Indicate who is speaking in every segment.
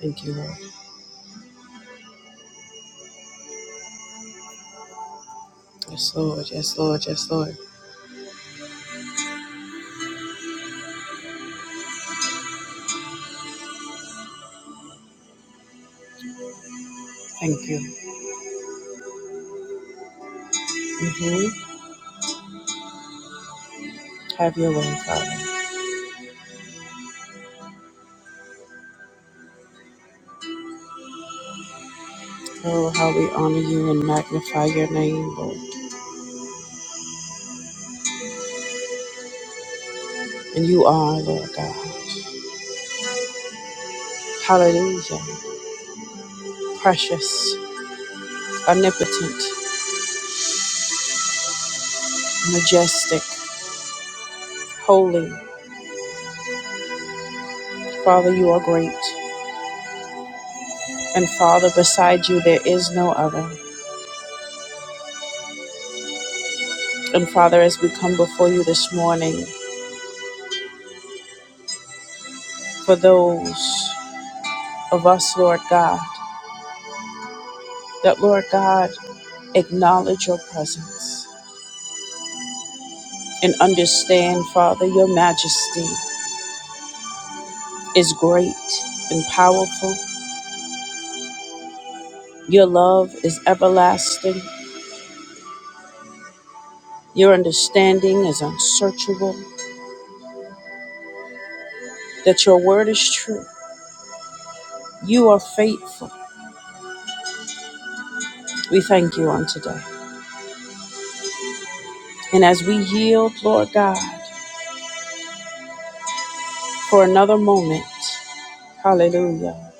Speaker 1: Thank you, Lord. Yes, Lord. Yes, Lord. Yes, Lord. Thank you. hmm Have your way, Father. Oh, how we honor you and magnify your name, Lord. And you are, Lord God. Hallelujah. Precious, omnipotent, majestic, holy. Father, you are great. And Father, beside you, there is no other. And Father, as we come before you this morning, for those of us, Lord God, that, Lord God, acknowledge your presence. and understand, Father, your majesty is great and powerful. Your love is everlasting. Your understanding is unsearchable. That your word is true. You are faithful. We thank you on today. And as we yield, Lord God, for another moment, hallelujah,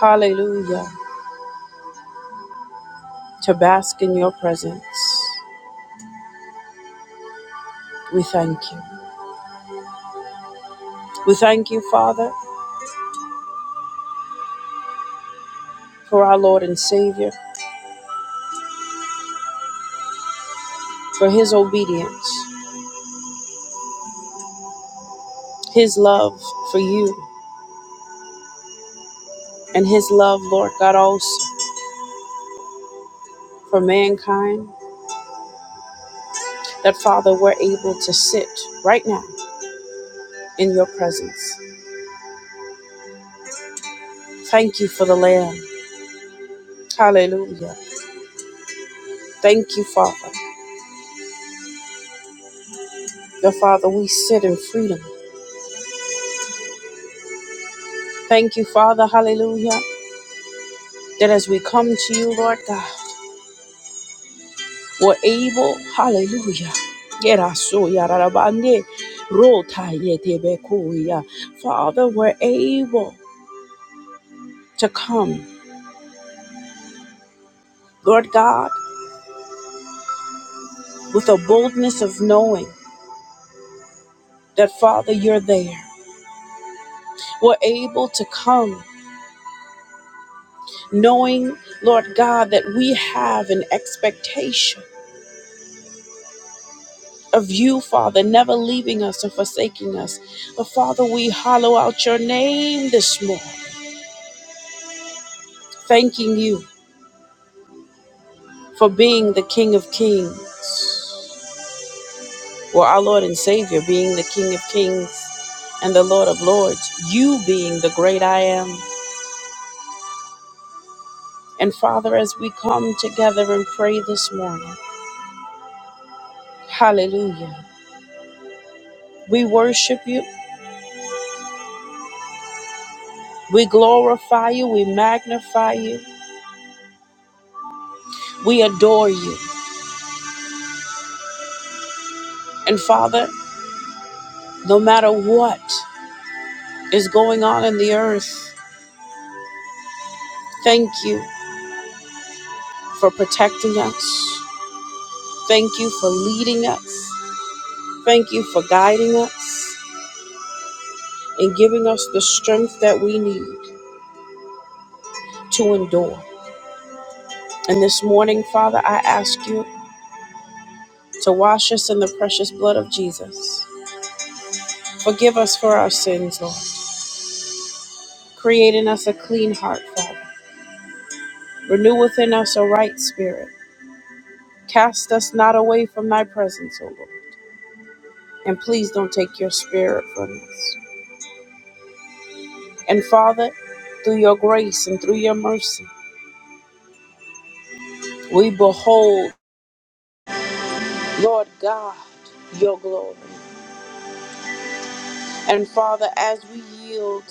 Speaker 1: hallelujah, to bask in your presence, we thank you. We thank you, Father, for our Lord and Savior, for his obedience. his love for you and his love, Lord God, also for mankind, that Father, we're able to sit right now in your presence. Thank you for the Lamb. Hallelujah. Thank you, Father. The Father, we sit in freedom. Thank you, Father, hallelujah, that as we come to you, Lord God, we're able, hallelujah. Yerasuya rarabande, rota yetebekuya. Father, we're able to come, Lord God. with a boldness of knowing that, Father, you're there. We're able to come knowing, Lord God, that we have an expectation of you, Father, never leaving us or forsaking us. But, Father, we hollow out your name this morning, thanking you for being the King of Kings. Well, our Lord and Savior being the King of Kings and the Lord of Lords, you being the great I am. And Father, as we come together and pray this morning, Hallelujah. We worship you. We glorify you. We magnify you. We adore you. And Father, no matter what is going on in the earth, thank you for protecting us. Thank you for leading us. Thank you for guiding us and giving us the strength that we need to endure. And this morning, Father, I ask you to wash us in the precious blood of Jesus. Forgive us for our sins, Lord Create in us a clean heart, Father. Renew within us a right spirit. Cast us not away from thy presence, O Lord. And please don't take your spirit from us. And Father, through your grace and through your mercy, we behold, Lord God, your glory. And Father, as we yield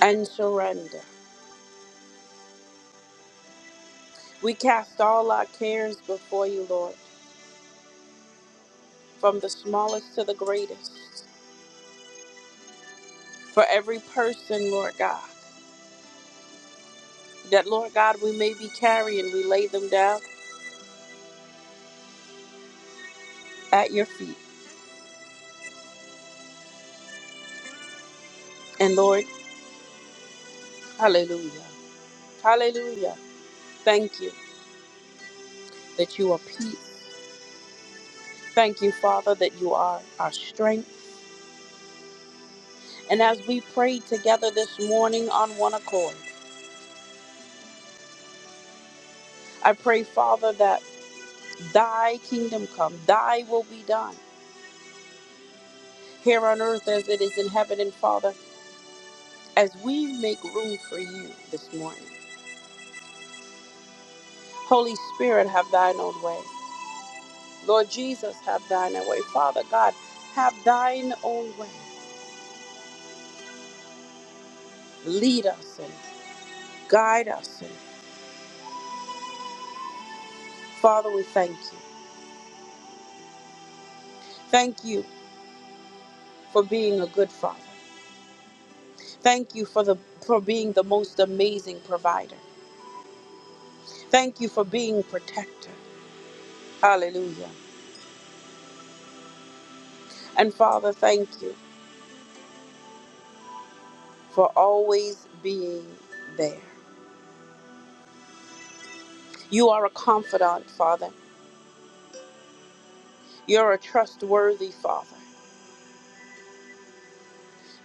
Speaker 1: and surrender, we cast all our cares before you, Lord, from the smallest to the greatest. For every person, Lord God. that, Lord God, we may be carrying. We lay them down at your feet. And Lord, hallelujah. Hallelujah. Thank you that you are peace. Thank you, Father, that you are our strength. And as we pray together this morning on one accord, I pray, Father, that thy kingdom come, thy will be done here on earth as it is in heaven. And Father, as we make room for you this morning, Holy Spirit, have thine own way. Lord Jesus, have thine own way. Father God, have thine own way. Lead us and guide us. And Father, we thank you. Thank you for being a good father. Thank you for the for being the most amazing provider. Thank you for being protector. Hallelujah. And Father, thank you for always being there. You are a confidant, Father. You're a trustworthy Father.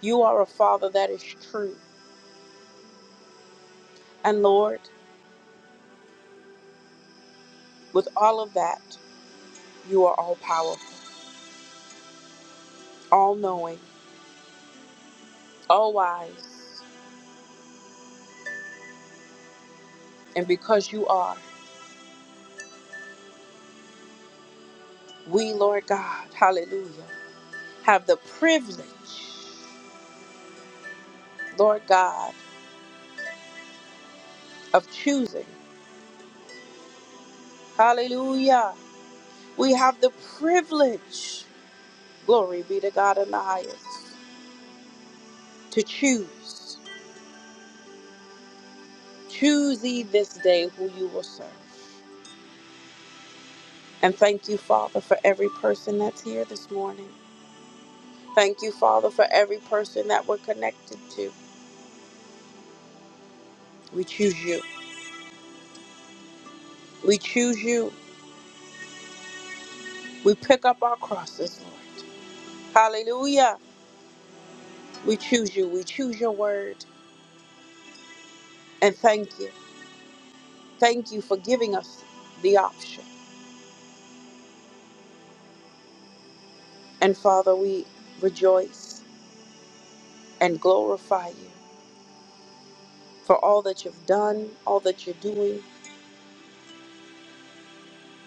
Speaker 1: You are a Father that is true. And Lord, with all of that. You are all powerful, all knowing, all wise. And because you are, we, Lord God, hallelujah, have the privilege, Lord God, of choosing. Hallelujah. We have the privilege, glory be to God in the highest, to choose. Choose ye this day who you will serve. And thank you, Father, for every person that's here this morning. Thank you, Father, for every person that we're connected to. We choose you. We choose you. We pick up our crosses, Lord. Hallelujah. We choose you. We choose your word. And thank you. Thank you for giving us the option. And Father, we rejoice and glorify you for all that you've done, all that you're doing,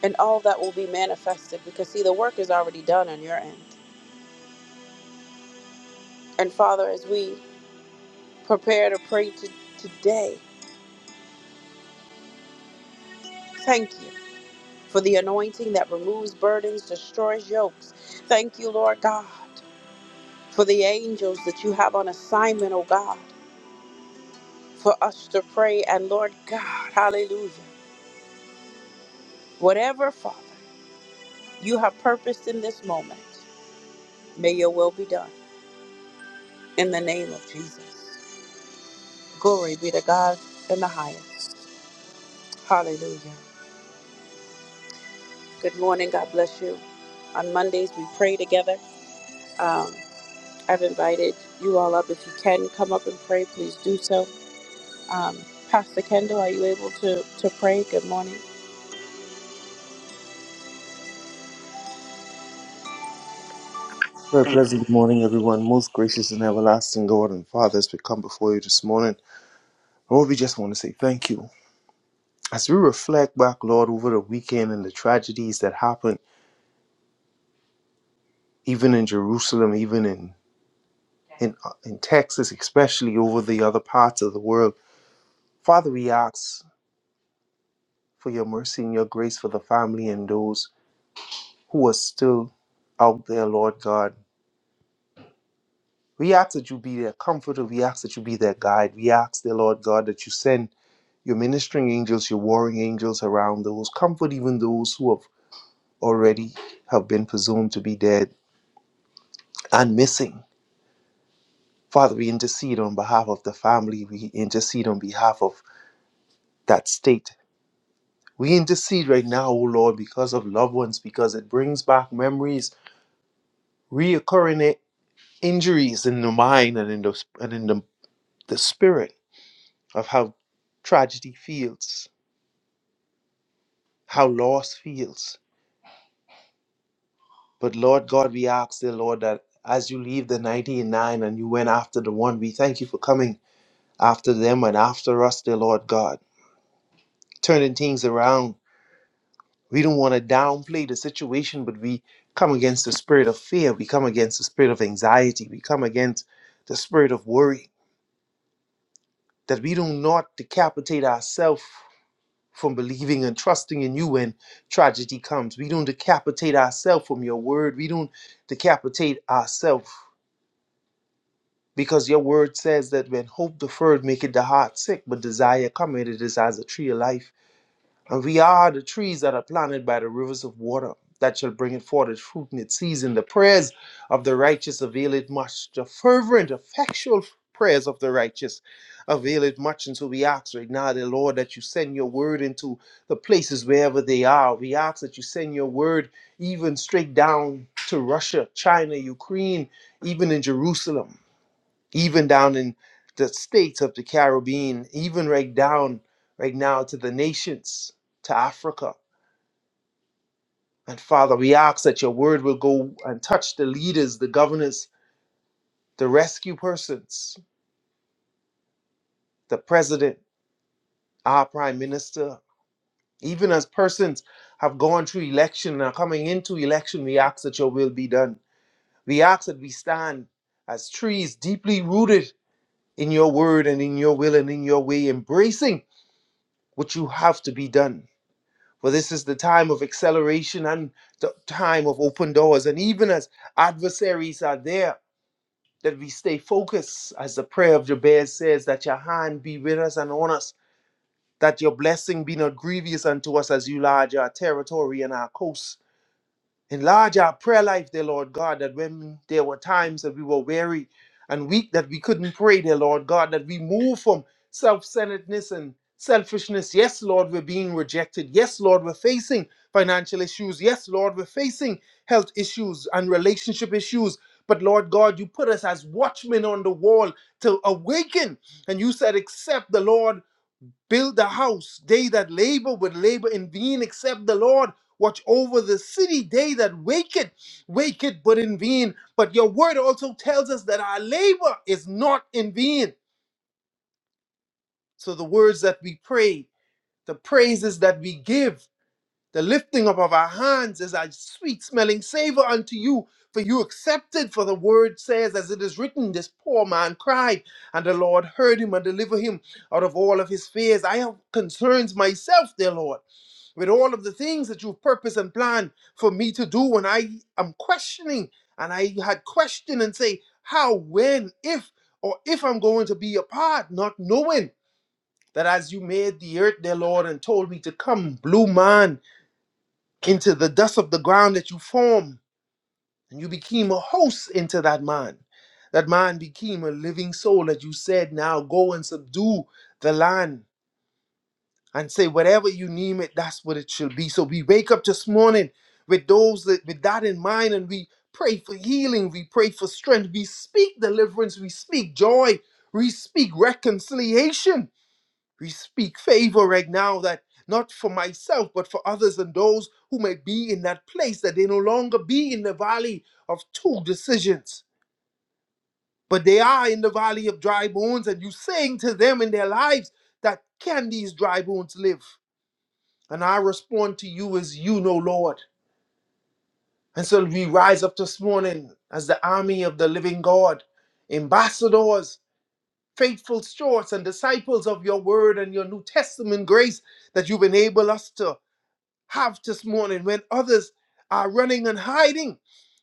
Speaker 1: and all that will be manifested. Because, see, the work is already done on your end. And Father, as we prepare to pray to, today, thank you for the anointing that removes burdens, destroys yokes. Thank you, Lord God. for the angels that you have on assignment, oh God, for us to pray. And Lord God, hallelujah. Whatever, Father, you have purposed in this moment, may your will be done in the name of Jesus. Glory be to God in the highest. Hallelujah. Good morning. God bless you. On Mondays, we pray together. Um, I've invited you all up. If you can come up and pray, please do so. Um, Pastor Kendall, are you able to, to pray? Good morning.
Speaker 2: Very pleasant good morning, everyone. Most gracious and everlasting God and Father, as we come before you this morning, Lord, we just want to say thank you. As we reflect back, Lord, over the weekend and the tragedies that happened, even in Jerusalem, even in, in, uh, in Texas, especially over the other parts of the world, Father, we ask for your mercy and your grace for the family and those who are still out there, Lord God. We ask that you be their comforter. We ask that you be their guide. We ask, dear Lord God, that you send your ministering angels, your warring angels around those. Comfort even those who have already have been presumed to be dead and missing. Father, we intercede on behalf of the family. We intercede on behalf of that state. We intercede right now, O Lord, because of loved ones, because it brings back memories, reoccurring i- injuries in the mind and in the and in the, the spirit of how tragedy feels, how loss feels. But Lord God, we ask, dear Lord, that as you leave the 99 and you went after the one, we thank you for coming after them and after us, dear Lord God, turning things around. We don't want to downplay the situation, but we come against the spirit of fear. We come against the spirit of anxiety. We come against the spirit of worry that we do not decapitate ourselves from believing and trusting in you when tragedy comes. We don't decapitate ourselves from your word. We don't decapitate ourselves Because your word says that when hope deferred maketh the heart sick, but desire cometh, it is as a tree of life. And we are the trees that are planted by the rivers of water that shall bring it forth its fruit in its season. The prayers of the righteous avail it much. The fervent, effectual prayers of the righteous avail it much. And so we ask right now, the Lord, that you send your word into the places wherever they are. We ask that you send your word even straight down to Russia, China, Ukraine, even in Jerusalem even down in the states of the Caribbean, even right down right now to the nations, to Africa. And Father, we ask that your word will go and touch the leaders, the governors, the rescue persons, the president, our prime minister, even as persons have gone through election and are coming into election, we ask that your will be done. We ask that we stand as trees deeply rooted in your word and in your will and in your way, embracing what you have to be done For this is the time of acceleration and the time of open doors. And even as adversaries are there, that we stay focused, as the prayer of Jabez says, that your hand be with us and on us, that your blessing be not grievous unto us as you large our territory and our coast. Enlarge our prayer life, dear Lord God, that when there were times that we were weary and weak, that we couldn't pray, dear Lord God, that we move from self centeredness and selfishness. Yes, Lord, we're being rejected. Yes, Lord, we're facing financial issues. Yes, Lord, we're facing health issues and relationship issues. But Lord God, you put us as watchmen on the wall to awaken. And you said, Except the Lord Build the house. They that labor will labor in vain, except the Lord watch over the city. They that wake it, wake it, but in vain. But your word also tells us that our labor is not in vain. So the words that we pray, the praises that we give, the lifting up of our hands is a sweet smelling savor unto you. For you accepted, for the word says, as it is written, this poor man cried, and the Lord heard him and delivered him out of all of his fears. I have concerns myself, dear Lord with all of the things that you've purposed and planned for me to do when I am questioning and I had questioned and say how, when, if, or if I'm going to be a part, not knowing that as you made the earth, dear Lord, and told me to come, blue man, into the dust of the ground that you formed, and you became a host into that man. That man became a living soul that you said, now go and subdue the land and say whatever you name it that's what it should be so we wake up this morning with those that, with that in mind and we pray for healing we pray for strength we speak deliverance we speak joy we speak reconciliation we speak favor right now that not for myself but for others and those who may be in that place that they no longer be in the valley of two decisions but they are in the valley of dry bones and you saying to them in their lives that can these dry bones live and I respond to you as you know, Lord. And so we rise up this morning as the army of the living God, ambassadors, faithful stewards, and disciples of your word and your New Testament grace that you've enabled us to have this morning when others are running and hiding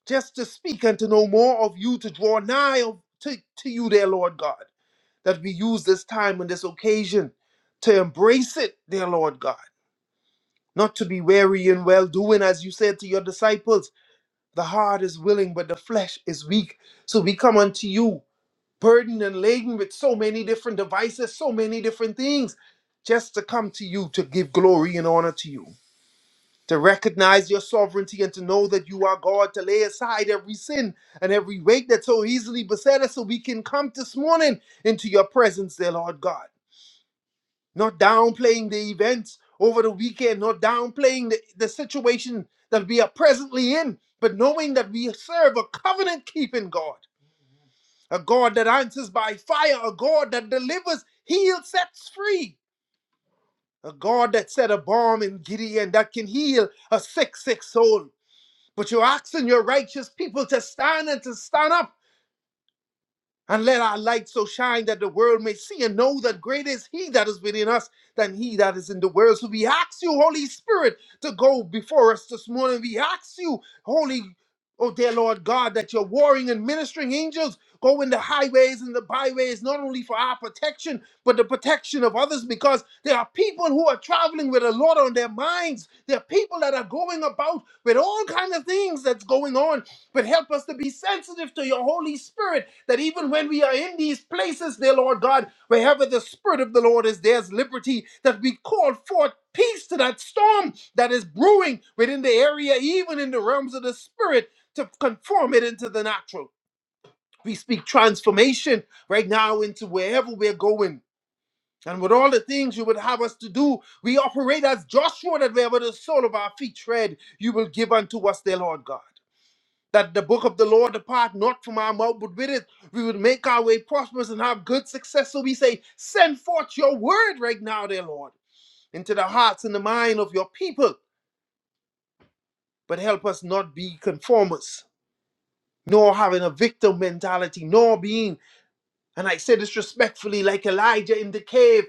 Speaker 2: just to speak and to know more of you, to draw nigh of- to, to you, dear Lord God. That we use this time and this occasion to embrace it, dear Lord God not to be weary in well doing, as you said to your disciples. The heart is willing, but the flesh is weak. So we come unto you, burdened and laden with so many different devices, so many different things, just to come to you to give glory and honor to you, to recognize your sovereignty and to know that you are God, to lay aside every sin and every weight that so easily beset us, so we can come this morning into your presence, dear Lord God not downplaying the events over the weekend, not downplaying the, the situation that we are presently in, but knowing that we serve a covenant keeping God, a God that answers by fire, a God that delivers, heals, sets free, a God that set a bomb in Gideon that can heal a sick, sick soul. But you're asking your righteous people to stand and to stand up And let our light so shine that the world may see and know that greater is He that is within us than He that is in the world. So we ask you, Holy Spirit, to go before us this morning. We ask you, Holy, oh dear Lord God, that your warring and ministering angels go in the highways and the byways, not only for our protection, but the protection of others, because there are people who are traveling with a lot on their minds. There are people that are going about with all kinds of things that's going on but help us to be sensitive to your Holy Spirit, that even when we are in these places, dear Lord God, wherever the Spirit of the Lord is, there's liberty, that we call forth peace to that storm that is brewing within the area, even in the realms of the Spirit, to conform it into the natural. We speak transformation right now into wherever we're going. And with all the things you would have us to do, we operate as Joshua, that wherever the sole of our feet tread, you will give unto us, dear Lord God that the book of the Lord depart not from our mouth, but with it we would make our way prosperous and have good success. So we say, send forth your word right now, dear Lord, into the hearts and the mind of your people, but help us not be conformists, nor having a victim mentality, nor being, and I say this respectfully, like Elijah in the cave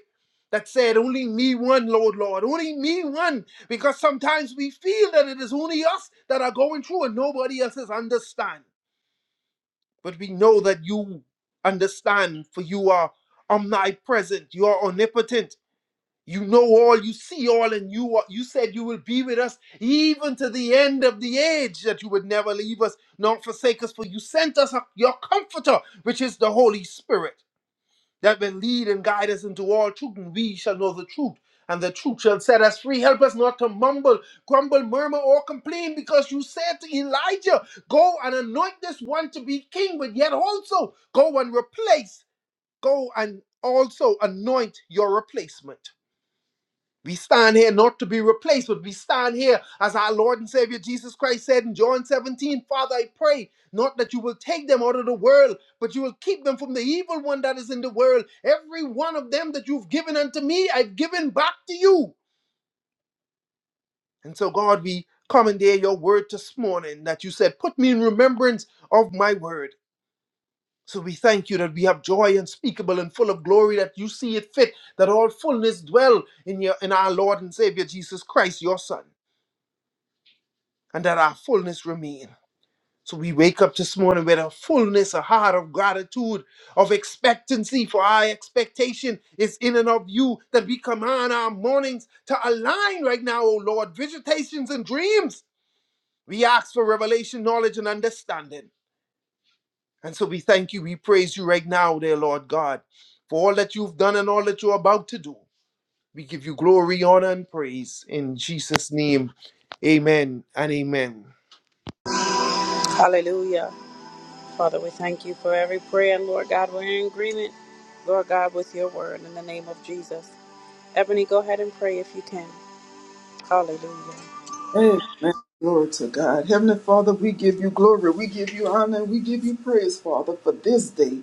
Speaker 2: that said, only me one, Lord, Lord, only me one, because sometimes we feel that it is only us that are going through and nobody else is understanding. But we know that you understand, for you are omnipresent, you are omnipotent, you know all, you see all, and you are, you said you will be with us even to the end of the age, that you would never leave us nor forsake us, for you sent us your comforter, which is the Holy Spirit that will lead and guide us into all truth, and we shall know the truth, and the truth shall set us free. Help us not to mumble, grumble, murmur, or complain, because you said to Elijah, Go and anoint this one to be king, but yet also go and replace, go and also anoint your replacement. We stand here not to be replaced, but we stand here as our Lord and Savior Jesus Christ said in John 17 Father, I pray not that you will take them out of the world, but you will keep them from the evil one that is in the world. Every one of them that you've given unto me, I've given back to you. And so, God, we commandeer your word this morning that you said, Put me in remembrance of my word. So we thank you that we have joy unspeakable and full of glory that you see it fit that all fullness dwell in your in our Lord and Savior Jesus Christ, your Son. and that our fullness remain. So we wake up this morning with a fullness, a heart of gratitude, of expectancy, for our expectation is in and of you that we command our mornings to align right now, O Lord, visitations and dreams. We ask for revelation, knowledge, and understanding. And so we thank you, we praise you right now, dear Lord God, for all that you've done and all that you're about to do. We give you glory, honor, and praise in Jesus' name. Amen and amen.
Speaker 1: Hallelujah. Father, we thank you for every prayer, and Lord God, we're in agreement, Lord God, with your word in the name of Jesus. Ebony, go ahead and pray if you can. Hallelujah.
Speaker 3: Amen. Glory to God. Heavenly Father, we give you glory. We give you honor. And We give you praise, Father, for this day.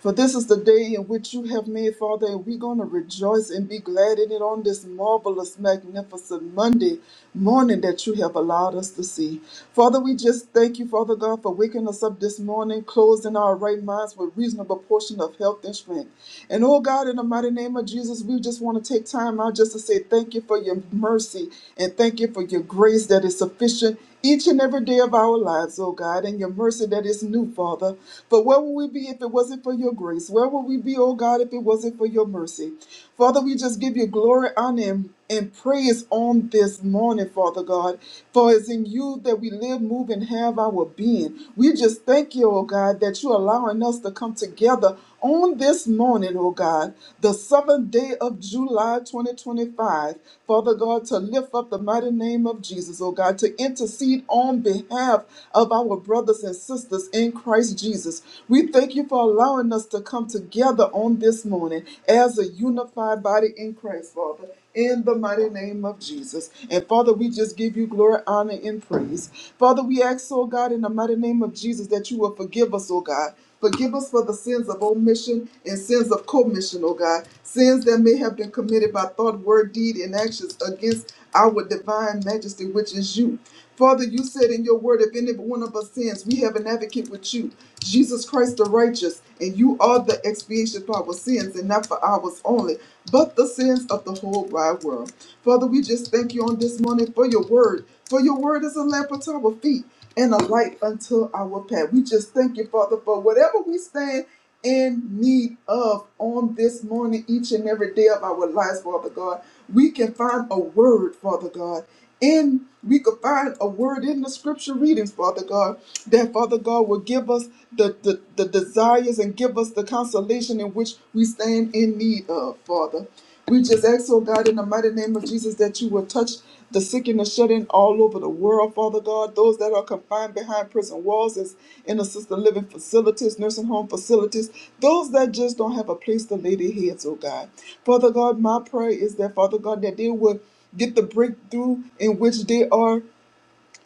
Speaker 3: For this is the day in which you have made, Father, and we're going to rejoice and be glad in it on this marvelous, magnificent Monday morning that you have allowed us to see. Father, we just thank you, Father God, for waking us up this morning, closing our right minds with reasonable portion of health and strength. And oh God, in the mighty name of Jesus, we just want to take time out just to say thank you for your mercy and thank you for your grace that is sufficient each and every day of our lives, oh God, and your mercy that is new, Father. For where would we be if it wasn't for your grace? Where would we be, oh God, if it wasn't for your mercy? Father, we just give you glory, honor, and and praise on this morning, Father God, for it's in you that we live, move, and have our being. We just thank you, oh God, that you're allowing us to come together on this morning, oh God, the seventh day of July 2025, Father God, to lift up the mighty name of Jesus, oh God, to intercede intercede on behalf of our brothers and sisters in Christ Jesus. We thank you for allowing us to come together on this morning as a unified body in Christ, Father. In the mighty name of Jesus. And Father, we just give you glory, honor, and praise. Father, we ask, oh God, in the mighty name of Jesus, that you will forgive us, oh God. Forgive us for the sins of omission and sins of commission, oh God. Sins that may have been committed by thought, word, deed, and actions against our divine majesty, which is you. Father, you said in your word, if any one of us sins, we have an advocate with you, Jesus Christ the righteous, and you are the expiation for our sins, and not for ours only, but the sins of the whole wide world. Father, we just thank you on this morning for your word, for your word is a lamp unto our feet and a light unto our path. We just thank you, Father, for whatever we stand in need of on this morning, each and every day of our lives, Father God. We can find a word, Father God. and we could find a word in the scripture readings, Father God, that Father God will give us the, the, the desires and give us the consolation in which we stand in need of, Father. We just ask, oh God, in the mighty name of Jesus, that you will touch the sick and the shut in all over the world, Father God. Those that are confined behind prison walls as in assisted living facilities, nursing home facilities. Those that just don't have a place to lay their heads, oh God. Father God, my prayer is that, Father God, that they will get the breakthrough in which they are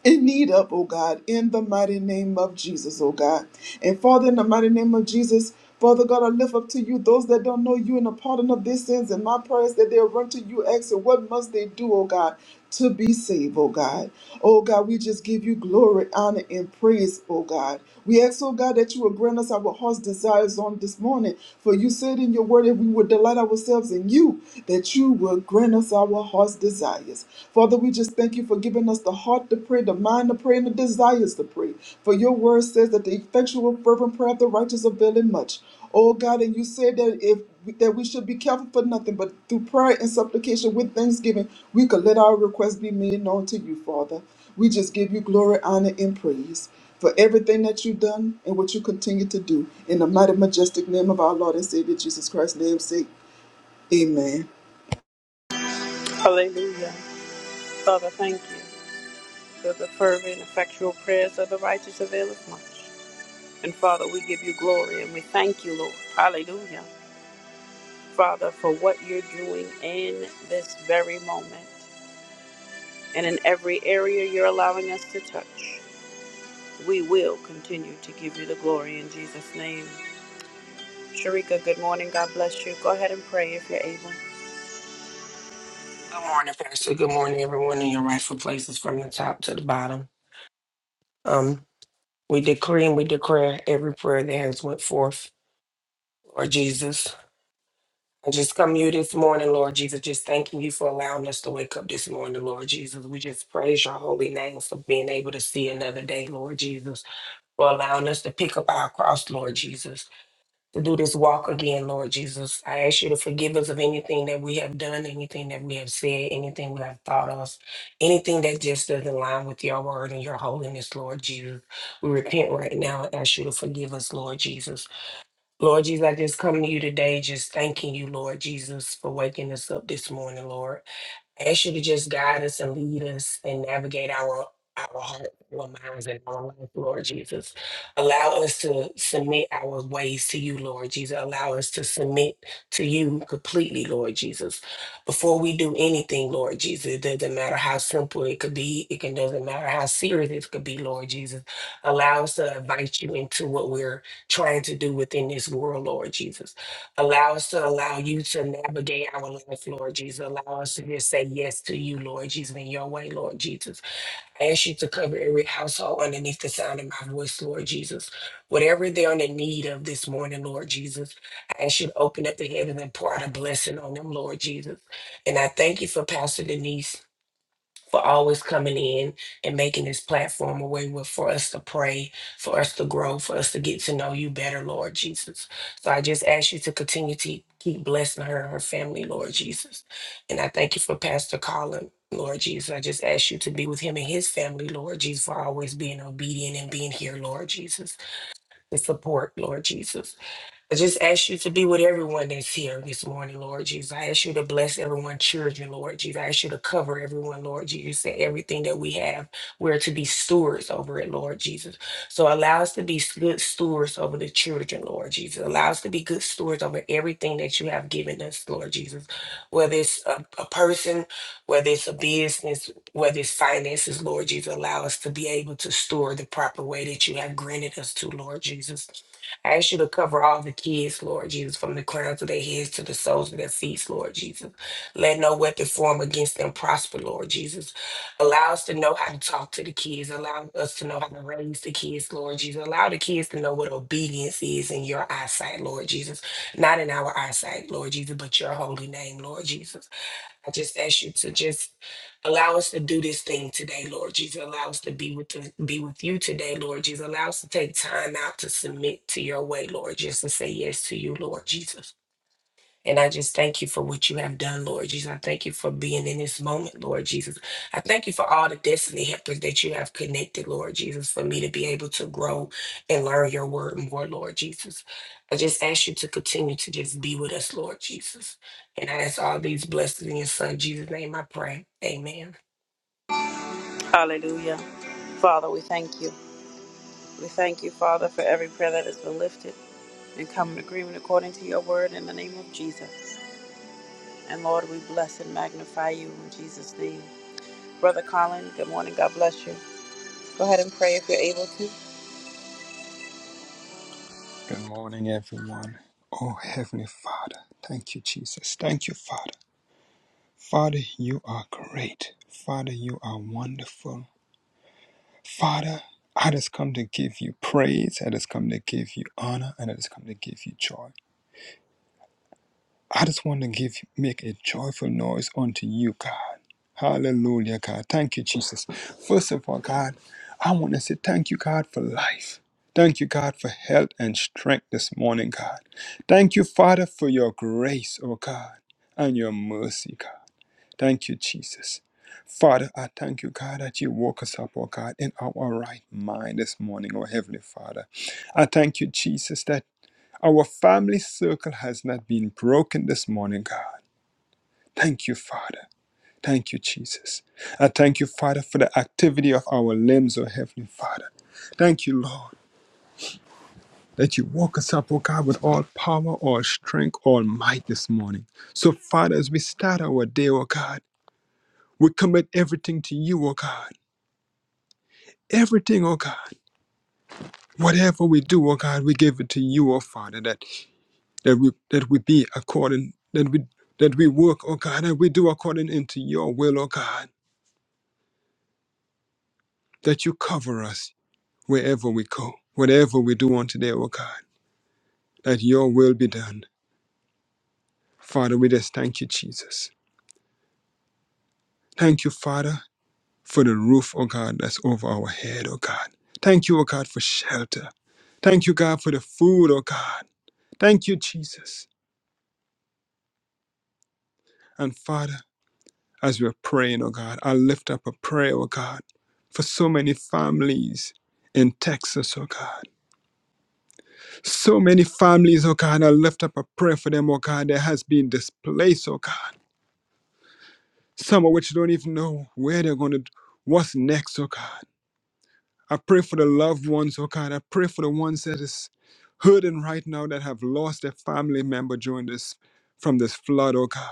Speaker 3: in need of, oh God, in the mighty name of Jesus, oh God. And Father, in the mighty name of Jesus, Father God, I lift up to you those that don't know you and the pardon of their sins and my prayers that they'll run to you, asking, What must they do, oh God, to be saved, oh God? Oh God, we just give you glory, honor, and praise, oh God. We ask, oh God, that you will grant us our heart's desires on this morning. For you said in your word, if we would delight ourselves in you, that you will grant us our heart's desires. Father, we just thank you for giving us the heart to pray, the mind to pray, and the desires to pray. For your word says that the effectual, fervent prayer of the righteous availeth much. Oh God, and you said that if that we should be careful for nothing, but through prayer and supplication with thanksgiving, we could let our requests be made known to you, Father. We just give you glory, honor, and praise for everything that you've done and what you continue to do. In the mighty, majestic name of our Lord and Savior Jesus Christ's name, say, Amen.
Speaker 1: Hallelujah. Father, thank you for the fervent, effectual prayers of the righteous availeth much. And Father, we give you glory and we thank you, Lord. Hallelujah. Father, for what you're doing in this very moment and in every area you're allowing us to touch. We will continue to give you the glory in Jesus' name. Sharika, good morning. God bless you. Go ahead and pray if you're able.
Speaker 4: Good morning, Pastor. Good morning, everyone in your rightful places from the top to the bottom. Um, we decree and we declare every prayer that has went forth, Lord Jesus. I just come to you this morning, Lord Jesus, just thanking you for allowing us to wake up this morning, Lord Jesus. We just praise your holy name for being able to see another day, Lord Jesus, for allowing us to pick up our cross, Lord Jesus. to do this walk again, Lord Jesus. I ask you to forgive us of anything that we have done, anything that we have said, anything we have thought of, anything that just doesn't line with your word and your holiness, Lord Jesus. We repent right now and ask you to forgive us, Lord Jesus. Lord Jesus, I just come to you today just thanking you, Lord Jesus, for waking us up this morning, Lord ask you to just guide us and lead us and navigate our our heart, our minds, and our life, Lord Jesus. Allow us to submit our ways to you, Lord Jesus. Allow us to submit to you completely, Lord Jesus. Before we do anything, Lord Jesus, it doesn't matter how simple it could be, it can, doesn't matter how serious it could be, Lord Jesus. Allow us to invite you into what we're trying to do within this world, Lord Jesus. Allow us to allow you to navigate our life, Lord Jesus. Allow us to just say yes to you, Lord Jesus, in your way, Lord Jesus. I ask you to cover every household underneath the sound of my voice, Lord Jesus. Whatever they're in the need of this morning, Lord Jesus, I ask you to open up the heavens and pour out a blessing on them, Lord Jesus. And I thank you for Pastor Denise for always coming in and making this platform a way where- for us to pray, for us to grow, for us to get to know you better, Lord Jesus. So I just ask you to continue to keep blessing her and her family, Lord Jesus. And I thank you for Pastor Colin. Lord Jesus, I just ask you to be with him and his family, Lord Jesus, for always being obedient and being here, Lord Jesus, to support, Lord Jesus. I just ask you to be with everyone that's here this morning, Lord Jesus. I ask you to bless everyone's children, Lord Jesus. I ask you to cover everyone, Lord Jesus. You said everything that we have, we're to be stewards over it, Lord Jesus. So allow us to be s- good stewards over the children, Lord Jesus. Allow us to be good stewards over everything that you have given us, Lord Jesus. Whether it's a, a person, whether it's a business, whether it's finances, Lord Jesus, allow us to be able to store the proper way that you have granted us to, Lord Jesus. I ask you to cover all the kids, Lord Jesus, from the crowns of their heads to the soles of their feet, Lord Jesus. Let no weapon form against them prosper, Lord Jesus. Allow us to know how to talk to the kids. Allow us to know how to raise the kids, Lord Jesus. Allow the kids to know what obedience is in your eyesight, Lord Jesus. Not in our eyesight, Lord Jesus, but your holy name, Lord Jesus. I just ask you to just allow us to do this thing today, Lord Jesus. Allow us to be with the, be with you today, Lord Jesus. Allow us to take time out to submit to your way, Lord, just to say yes to you, Lord Jesus. And I just thank you for what you have done, Lord Jesus. I thank you for being in this moment, Lord Jesus. I thank you for all the destiny helpers that you have connected, Lord Jesus, for me to be able to grow and learn your word more, Lord Jesus. I just ask you to continue to just be with us, Lord Jesus. And I ask all these blessings in your son, Jesus' name, I pray. Amen.
Speaker 1: Hallelujah. Father, we thank you. We thank you, Father, for every prayer that has been lifted and come in agreement according to your word in the name of Jesus. And Lord, we bless and magnify you in Jesus' name. Brother Colin, good morning. God bless you. Go ahead and pray if you're able to.
Speaker 5: Good morning, everyone. Oh, Heavenly Father, thank you, Jesus. Thank you, Father. Father, you are great. Father, you are wonderful. Father, I just come to give you praise. I just come to give you honor. And I just come to give you joy. I just want to give make a joyful noise unto you, God. Hallelujah, God. Thank you, Jesus. First of all, God, I want to say thank you, God, for life. Thank you, God, for health and strength this morning, God. Thank you, Father, for your grace, oh God, and your mercy, God. Thank you, Jesus. Father, I thank you, God, that you woke us up, oh God, in our right mind this morning, oh Heavenly Father. I thank you, Jesus, that our family circle has not been broken this morning, God. Thank you, Father. Thank you, Jesus. I thank you, Father, for the activity of our limbs, O Heavenly Father. Thank you, Lord, that you woke us up, O God, with all power, all strength, all might this morning. So, Father, as we start our day, O God, we commit everything to you, O God. Everything, O God. Whatever we do, O God, we give it to you, O Father, that that we that we be according that we that we work, oh God, that we do according into your will, oh God, that you cover us wherever we go, whatever we do on today, oh God, that your will be done. Father, we just thank you, Jesus. Thank you, Father, for the roof, oh God, that's over our head, oh God. Thank you, oh God, for shelter. Thank you, God, for the food, oh God. Thank you, Jesus. And Father, as we're praying, oh God. I lift up a prayer, oh God, for so many families in Texas, oh God. So many families, oh God, I lift up a prayer for them, oh God, that has been displaced, oh God. Some of which don't even know where they're going to, what's next, oh God. I pray for the loved ones, oh God. I pray for the ones that is hurting right now that have lost their family member during this, from this flood, oh God.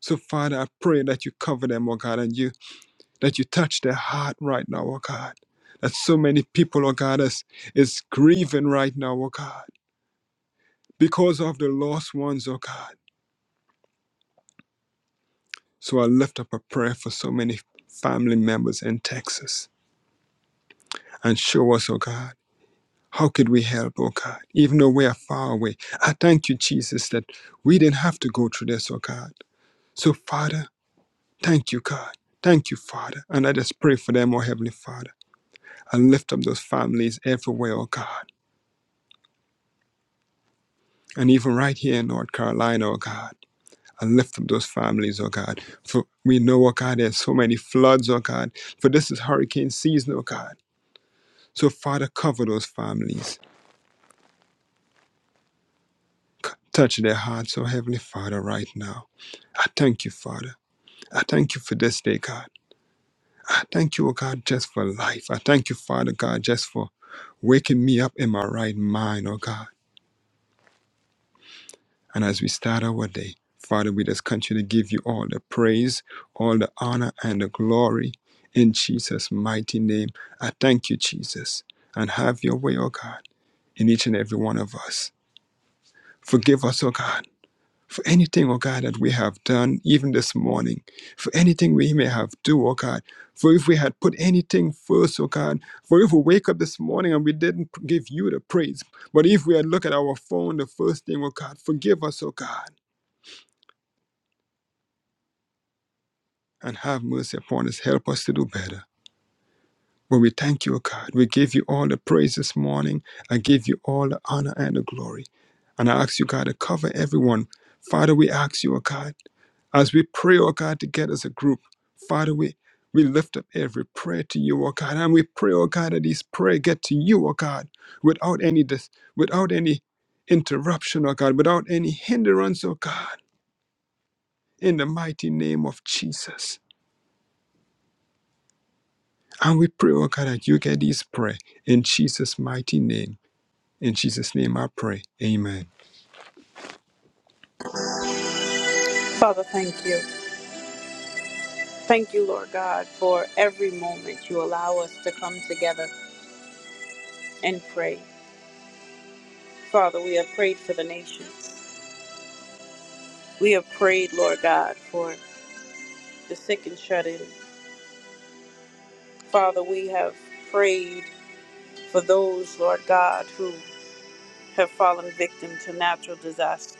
Speaker 5: So, Father, I pray that you cover them, oh God, and you. that you touch their heart right now, oh God. That so many people, oh God, is, is grieving right now, oh God, because of the lost ones, oh God. So I lift up a prayer for so many family members in Texas and show us, oh God, how could we help, oh God, even though we are far away. I thank you, Jesus, that we didn't have to go through this, oh God. So, Father, thank you, God. Thank you, Father. And I just pray for them, oh Heavenly Father. I lift up those families everywhere, oh God And even right here in North Carolina, oh God, I lift up those families, oh God. For we know, oh God, there's so many floods, oh God. For this is hurricane season, oh God. So, Father, cover those families. C- Touch their hearts, oh Heavenly Father, right now. I thank you, Father. I thank you for this day, God. I thank you, oh God, just for life. I thank you, Father God, just for waking me up in my right mind, oh God. And as we start our day, Father, we just continue to give you all the praise, all the honor, and the glory in Jesus' mighty name. I thank you, Jesus, and have your way, O God, in each and every one of us. Forgive us, O God, for anything, O God, that we have done, even this morning, for anything we may have do, O God. For if we had put anything first, O God, for if we wake up this morning and we didn't give you the praise, but if we had looked at our phone the first thing, O God, forgive us, O God. and have mercy upon us. Help us to do better. But we thank you, O God. We give you all the praise this morning. I give you all the honor and the glory. And I ask you, God, to cover everyone. Father, we ask you, O God, as we pray, O God, together as a group, Father, we, we lift up every prayer to you, O God. And we pray, O God, that these prayer get to you, O God, without any dis- without any interruption, O God, without any hindrance, O God, in the mighty name of Jesus. And we pray, oh God, that you get this prayer in Jesus' mighty name. In Jesus' name I pray. Amen.
Speaker 1: Father, thank you. Thank you, Lord God, for every moment you allow us to come together and pray. Father, we have prayed for the nations. We have prayed, Lord God, for the sick and shut in. Father, we have prayed for those, Lord God, who have fallen victim to natural disaster.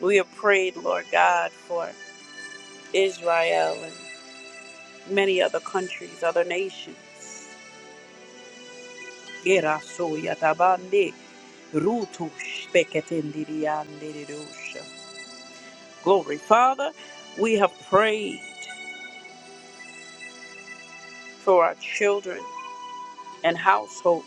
Speaker 1: We have prayed, Lord God, for Israel and many other countries, other nations. Gerasuyatabande, rutushpeketendidiandirusha. Glory. Father, we have prayed for our children and households.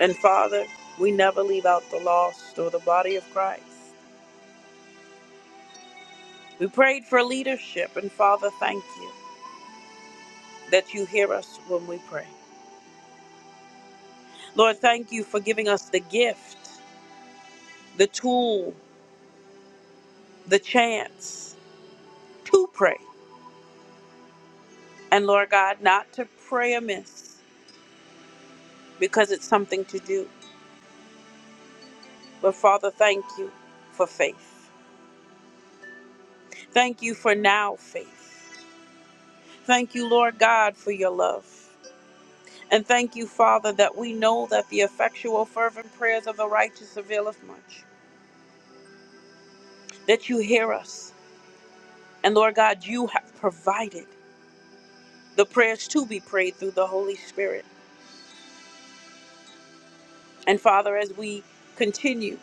Speaker 1: And Father, we never leave out the lost or the body of Christ. We prayed for leadership, and Father, thank you that you hear us when we pray. Lord, thank you for giving us the gift, the tool, the chance to pray. And Lord God, not to pray amiss because it's something to do. But Father, thank you for faith. Thank you for now faith. Thank you, Lord God, for your love. And thank you, Father, that we know that the effectual, fervent prayers of the righteous availeth much, that you hear us. And Lord God, you have provided the prayers to be prayed through the Holy Spirit. And Father, as we continue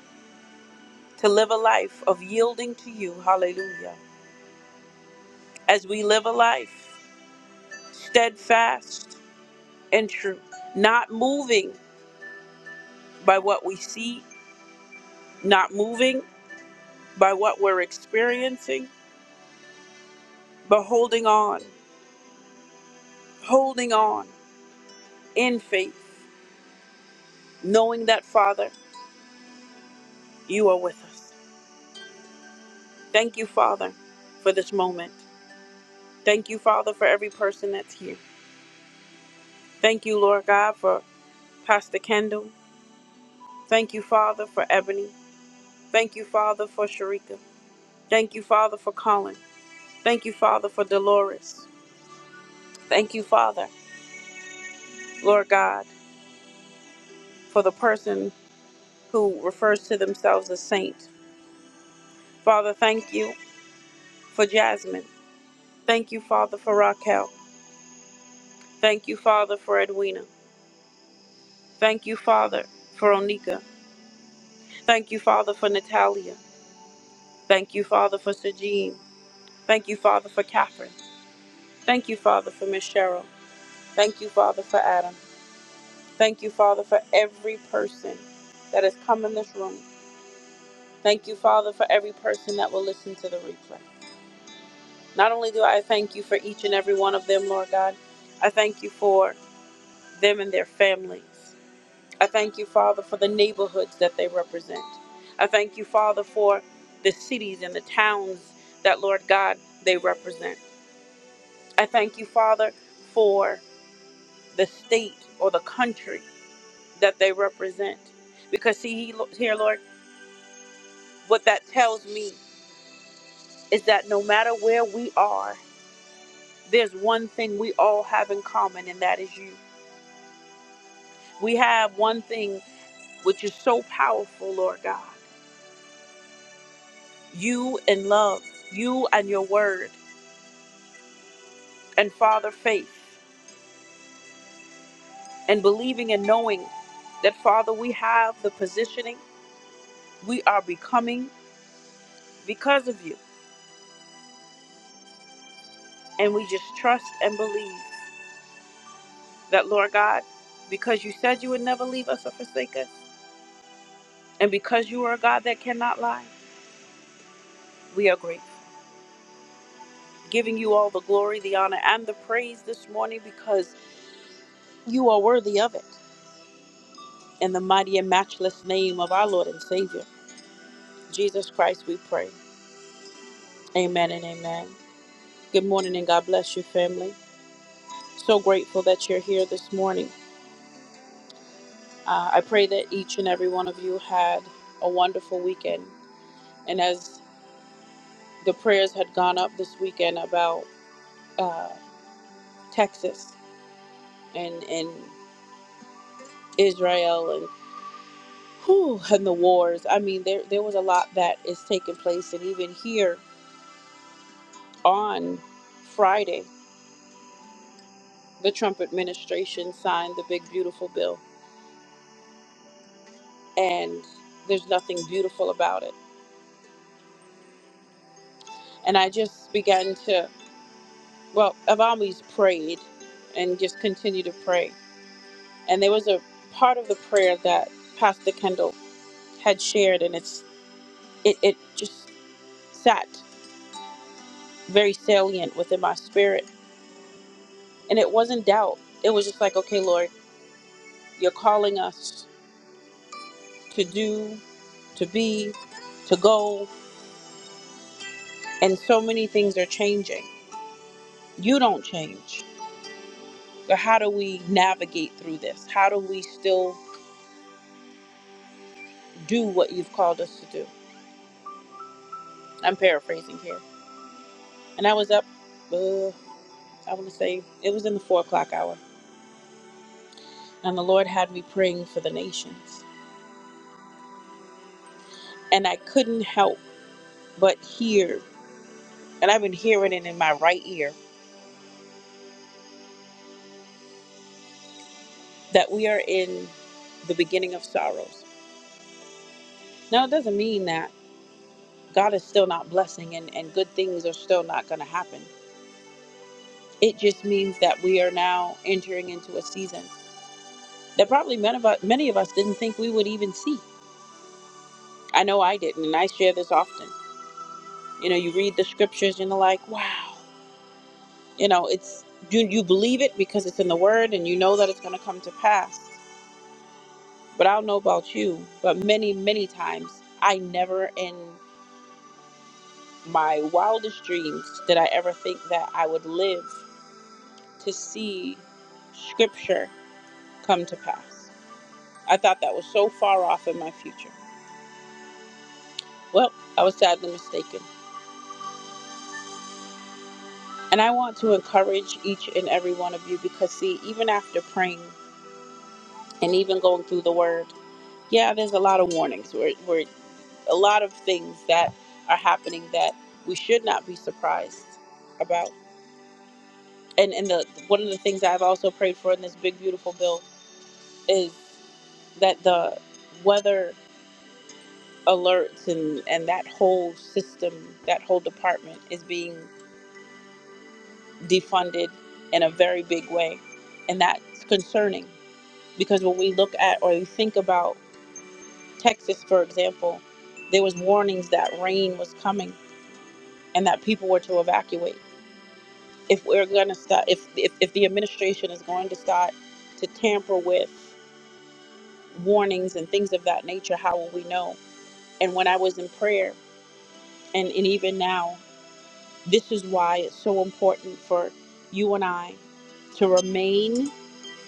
Speaker 1: to live a life of yielding to you, hallelujah, as we live a life steadfast and true, not moving by what we see, not moving by what we're experiencing, but holding on, holding on in faith, knowing that, Father, you are with us. Thank you, Father, for this moment. Thank you, Father, for every person that's here. Thank you, Lord God, for Pastor Kendall. Thank you, Father, for Ebony. Thank you, Father, for Sharika. Thank you, Father, for Colin. Thank you, Father, for Dolores. Thank you, Father, Lord God, for the person who refers to themselves as saint. Father, thank you for Jasmine. Thank you, Father, for Raquel. Thank you, Father, for Edwina. Thank you, Father, for Onika. Thank you, Father, for Natalia. Thank you, Father, for Sajin. Thank you, Father, for Catherine. Thank you, Father, for Miss Cheryl. Thank you, Father, for Adam. Thank you, Father, for every person that has come in this room. Thank you, Father, for every person that will listen to the replay. Not only do I thank you for each and every one of them, Lord God, I thank you for them and their families. I thank you, Father, for the neighborhoods that they represent. I thank you, Father, for the cities and the towns that, Lord God, they represent. I thank you, Father, for the state or the country that they represent. Because, see, he- here, Lord, what that tells me is that no matter where we are, there's one thing we all have in common, and that is you. We have one thing which is so powerful, Lord God. You and love, you and your word. and Father, faith and believing and knowing that, Father, we have the positioning, we are becoming because of you. And we just trust and believe that, Lord God, because you said you would never leave us or forsake us, and because you are a God that cannot lie, we are grateful. Giving you all the glory, the honor, and the praise this morning because you are worthy of it. In the mighty and matchless name of our Lord and Savior, Jesus Christ, we pray. Amen and amen. Good morning and God bless you, family. So grateful that you're here this morning. Uh, I pray that each and every one of you had a wonderful weekend. And as the prayers had gone up this weekend about uh, Texas and, and Israel and whew, and the wars, I mean, there, there was a lot that is taking place. And even here on Friday, the Trump administration signed the big, beautiful bill. And there's nothing beautiful about it. And I just began to well, I've always prayed and just continue to pray. And there was a part of the prayer that Pastor Kendall had shared, and it's it, it just sat very salient within my spirit. And it wasn't doubt. It was just like, okay, Lord, you're calling us to do, to be, to go, and so many things are changing. You don't change. So how do we navigate through this? How do we still do what you've called us to do? I'm paraphrasing here And I was up, uh, I want to say it was in the four o'clock hour. And the Lord had me praying for the nations. And I couldn't help but hear, and I've been hearing it in my right ear, that we are in the beginning of sorrows. Now, it doesn't mean that God is still not blessing and, and good things are still not going to happen. It just means that we are now entering into a season that probably many of us, many of us didn't think we would even see. I know I didn't, and I share this often. You know, you read the scriptures and you're like, wow you know it's you you believe it because it's in the word and you know that it's going to come to pass but i don't know about you but many many times i never in my wildest dreams did i ever think that i would live to see scripture come to pass i thought that was so far off in my future well i was sadly mistaken and i want to encourage each and every one of you because see even after praying and even going through the word yeah, there's a lot of warnings. We're we're a lot of things that are happening that we should not be surprised about. And and the one of the things I've also prayed for in this big beautiful bill is that the weather alerts and and that whole system, that whole department is being defunded in a very big way, and that's concerning because when we look at or we think about Texas, for example, there was warnings that rain was coming and that people were to evacuate if we're going to start if, if if the administration is going to start to tamper with warnings and things of that nature how will we know and when i was in prayer and, and even now this is why it's so important for you and i to remain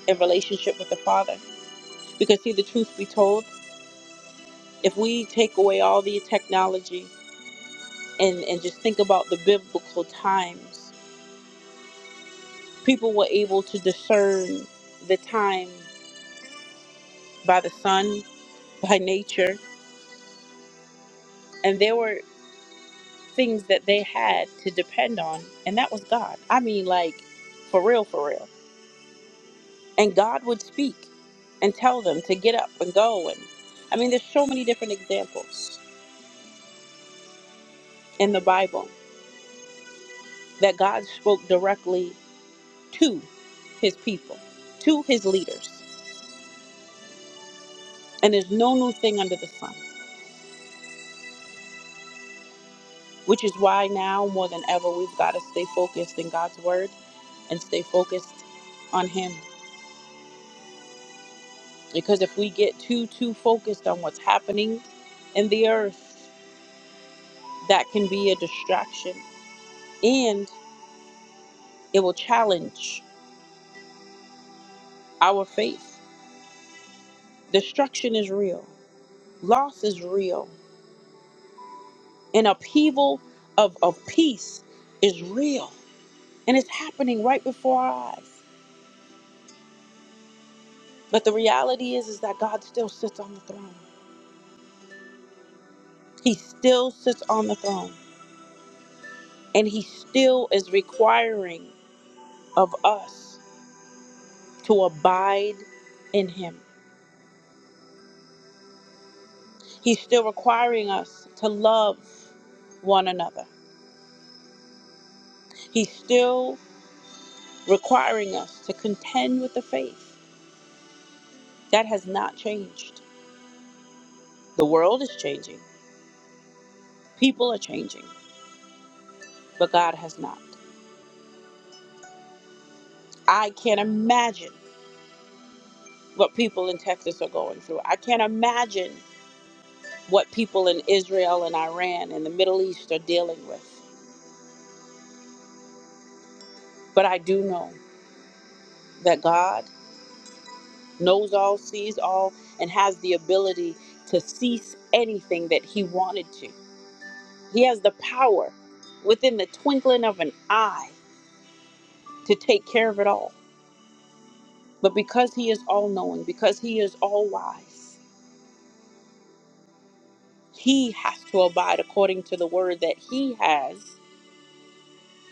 Speaker 1: in relationship with the father because see the truth be told if we take away all the technology and and just think about the biblical times people were able to discern the time by the sun by nature and there were things that they had to depend on and that was god i mean like for real for real and god would speak and tell them to get up and go and i mean there's so many different examples in the bible that god spoke directly to his people to his leaders and there's no new thing under the sun which is why now more than ever we've got to stay focused in god's word and stay focused on him because if we get too too focused on what's happening in the earth that can be a distraction and it will challenge our faith destruction is real loss is real an upheaval of, of peace is real and it's happening right before our eyes but the reality is is that god still sits on the throne he still sits on the throne and he still is requiring of us to abide in him He's still requiring us to love one another. He's still requiring us to contend with the faith. That has not changed. The world is changing, people are changing, but God has not. I can't imagine what people in Texas are going through. I can't imagine what people in Israel and Iran and the Middle East are dealing with. But I do know that God. knows all, sees all, and has the ability to cease anything that he wanted to. He has the power within the twinkling of an eye to take care of it all. But because he is all knowing, because he is all wise, he has to abide according to the word that he has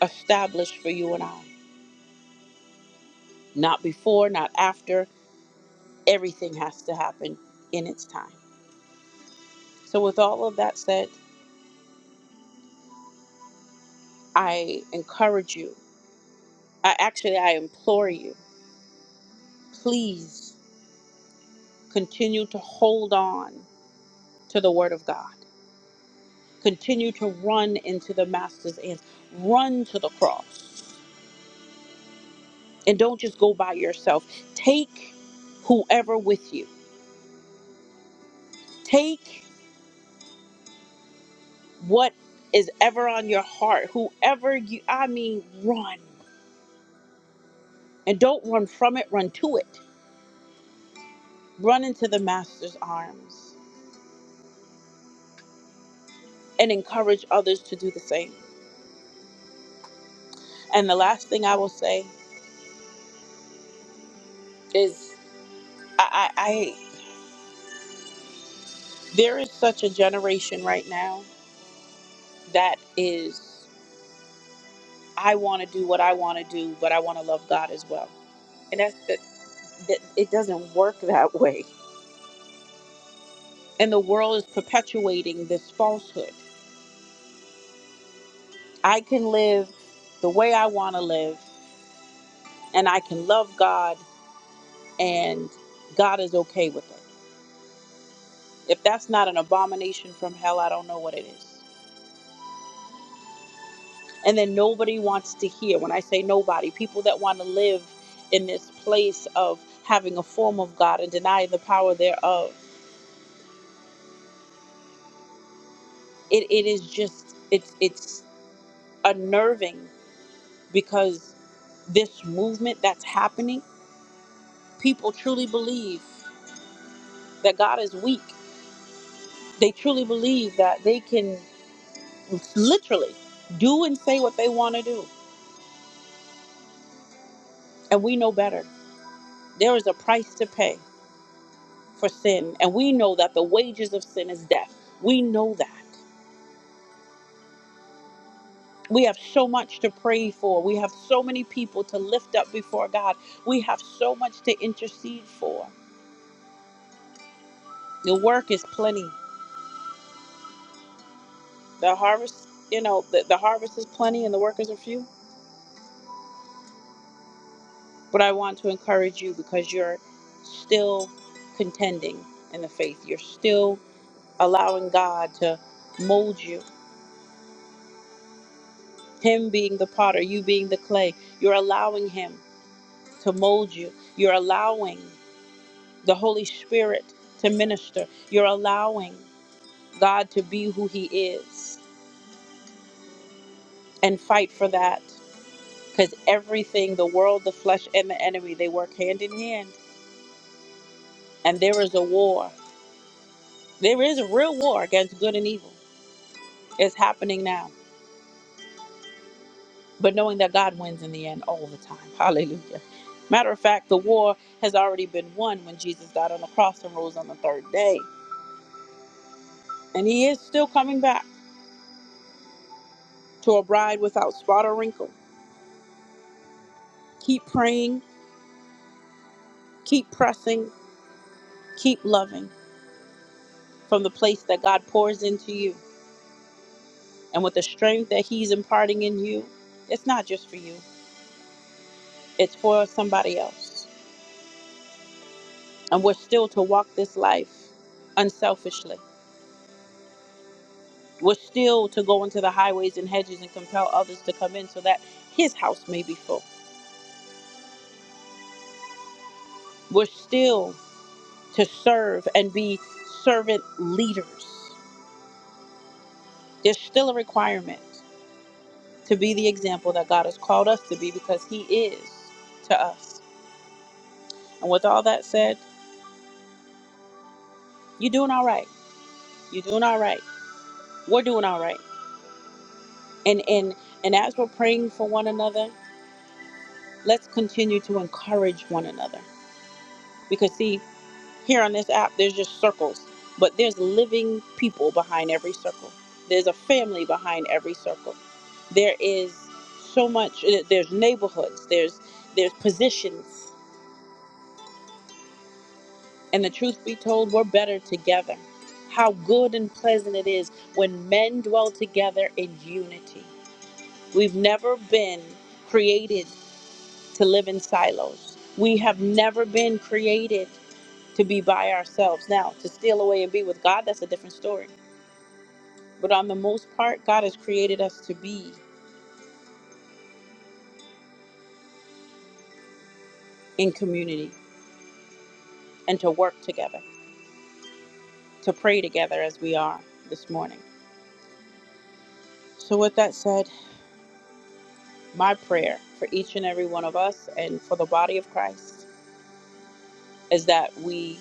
Speaker 1: established for you and I. Not before, not after. Everything has to happen in its time. So, with all of that said, I encourage you. I actually I implore you. please continue to hold on to the word of God. Continue to run into the master's hands. Run to the cross. And don't just go by yourself. Take whoever with you. Take what is ever on your heart. Whoever you I mean run. And don't run from it, run to it. Run into the master's arms and encourage others to do the same. And the last thing I will say is I, I, I There is such a generation right now that is, I want to do what I want to do, but I want to love God as well. And that's the, that it doesn't work that way. And the world is perpetuating this falsehood. I can live the way I want to live, and I can love God, and God is okay with it. If that's not an abomination from hell, I don't know what it is. and then nobody wants to hear when i say nobody people that want to live in this place of having a form of god and denying the power thereof it, it is just it's it's unnerving because this movement that's happening people truly believe that god is weak they truly believe that they can literally do and say what they want to do and we know better there is a price to pay for sin, and we know that the wages of sin is death. We know that. We have so much to pray for. We have so many people to lift up before God. We have so much to intercede for. The work is plenty. The harvest, you know, the, the harvest is plenty and the workers are few. But I want to encourage you because you're still contending in the faith. You're still allowing God to mold you. Him being the potter, you being the clay. You're allowing Him to mold you. You're allowing the Holy Spirit to minister. You're allowing God to be who He is and fight for that. Because everything, the world, the flesh, and the enemy, they work hand in hand. And there is a war. There is a real war against good and evil. It's happening now. But knowing that God wins in the end all the time. Hallelujah. Matter of fact, the war has already been won when Jesus died on the cross and rose on the third day. And He is still coming back. to a bride without spot or wrinkle. Keep praying, keep pressing, keep loving from the place that God pours into you. And with the strength that He's imparting in you, it's not just for you, it's for somebody else. And we're still to walk this life unselfishly. We're still to go into the highways and hedges and compel others to come in so that His house may be full. We're still to serve and be servant leaders. There's still a requirement. to be the example that God has called us to be because He is to us. And with all that said, you're doing all right. You're doing all right. We're doing all right. And and and as we're praying for one another, let's continue to encourage one another. Because see, here on this app, there's just circles, but there's living people behind every circle. There's a family behind every circle. There is so much. eh, There's neighborhoods. There's there's positions. And the truth be told, we're better together. How good and pleasant it is when men dwell together in unity. We've never been created to live in silos. We have never been created to be by ourselves. Now, to steal away and be with God, that's a different story. But on the most part, God has created us to be in community and to work together, to pray together as we are this morning. So, with that said, My prayer for each and every one of us and for the body of Christ is that we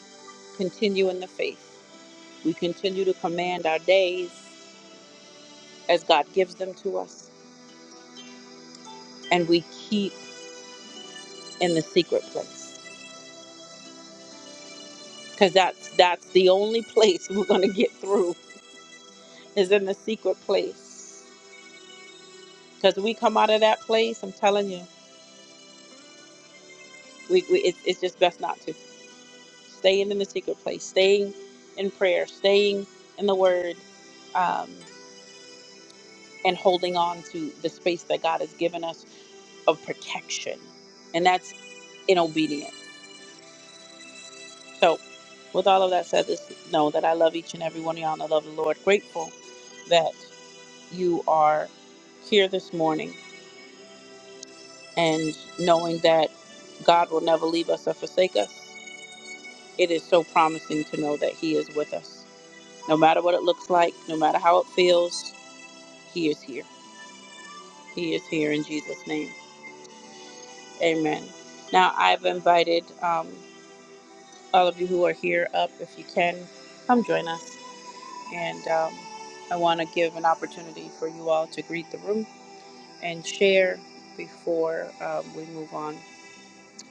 Speaker 1: continue in the faith. We continue to command our days as God gives them to us and we keep in the secret place cuz that's that's the only place we're going to get through is in the secret place. Cuz we come out of that place, I'm telling you, we, we it's, it's just best not to staying in the secret place, staying in prayer, staying in the word. Um, and holding on to the space that God has given us of protection. And that's in obedience. So, with all of that said, just know that I love each and every one of y'all and I love the Lord. Grateful that you are here this morning and knowing that God will never leave us or forsake us. It is so promising to know that He is with us. No matter what it looks like, no matter how it feels, He is here. He is here in Jesus' name. Amen. Now, I've invited. um, all of you who are here up if you can come join us and um, i want to give an opportunity for you all to greet the room and share before um, we move on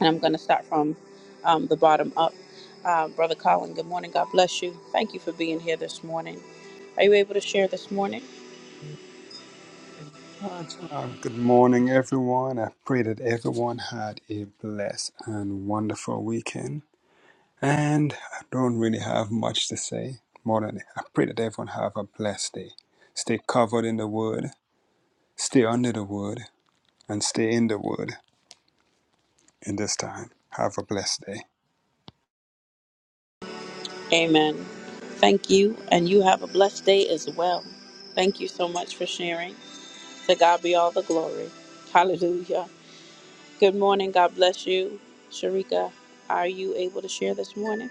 Speaker 1: and i'm going to start from um, the bottom up uh, brother colin good morning god bless you thank you for being here this morning are you able to share this morning
Speaker 5: Uh, good morning, everyone. I pray that everyone had a blessed and wonderful weekend. And I don't really have much to say more than I pray that everyone have a blessed day. Stay covered in the word, stay under the word, and stay in the word in this time. Have a blessed day.
Speaker 1: amen thank you and you have a blessed day as well thank you so much for sharing to god be all the glory hallelujah Good morning. God bless you. Sharika, are you able to share this morning?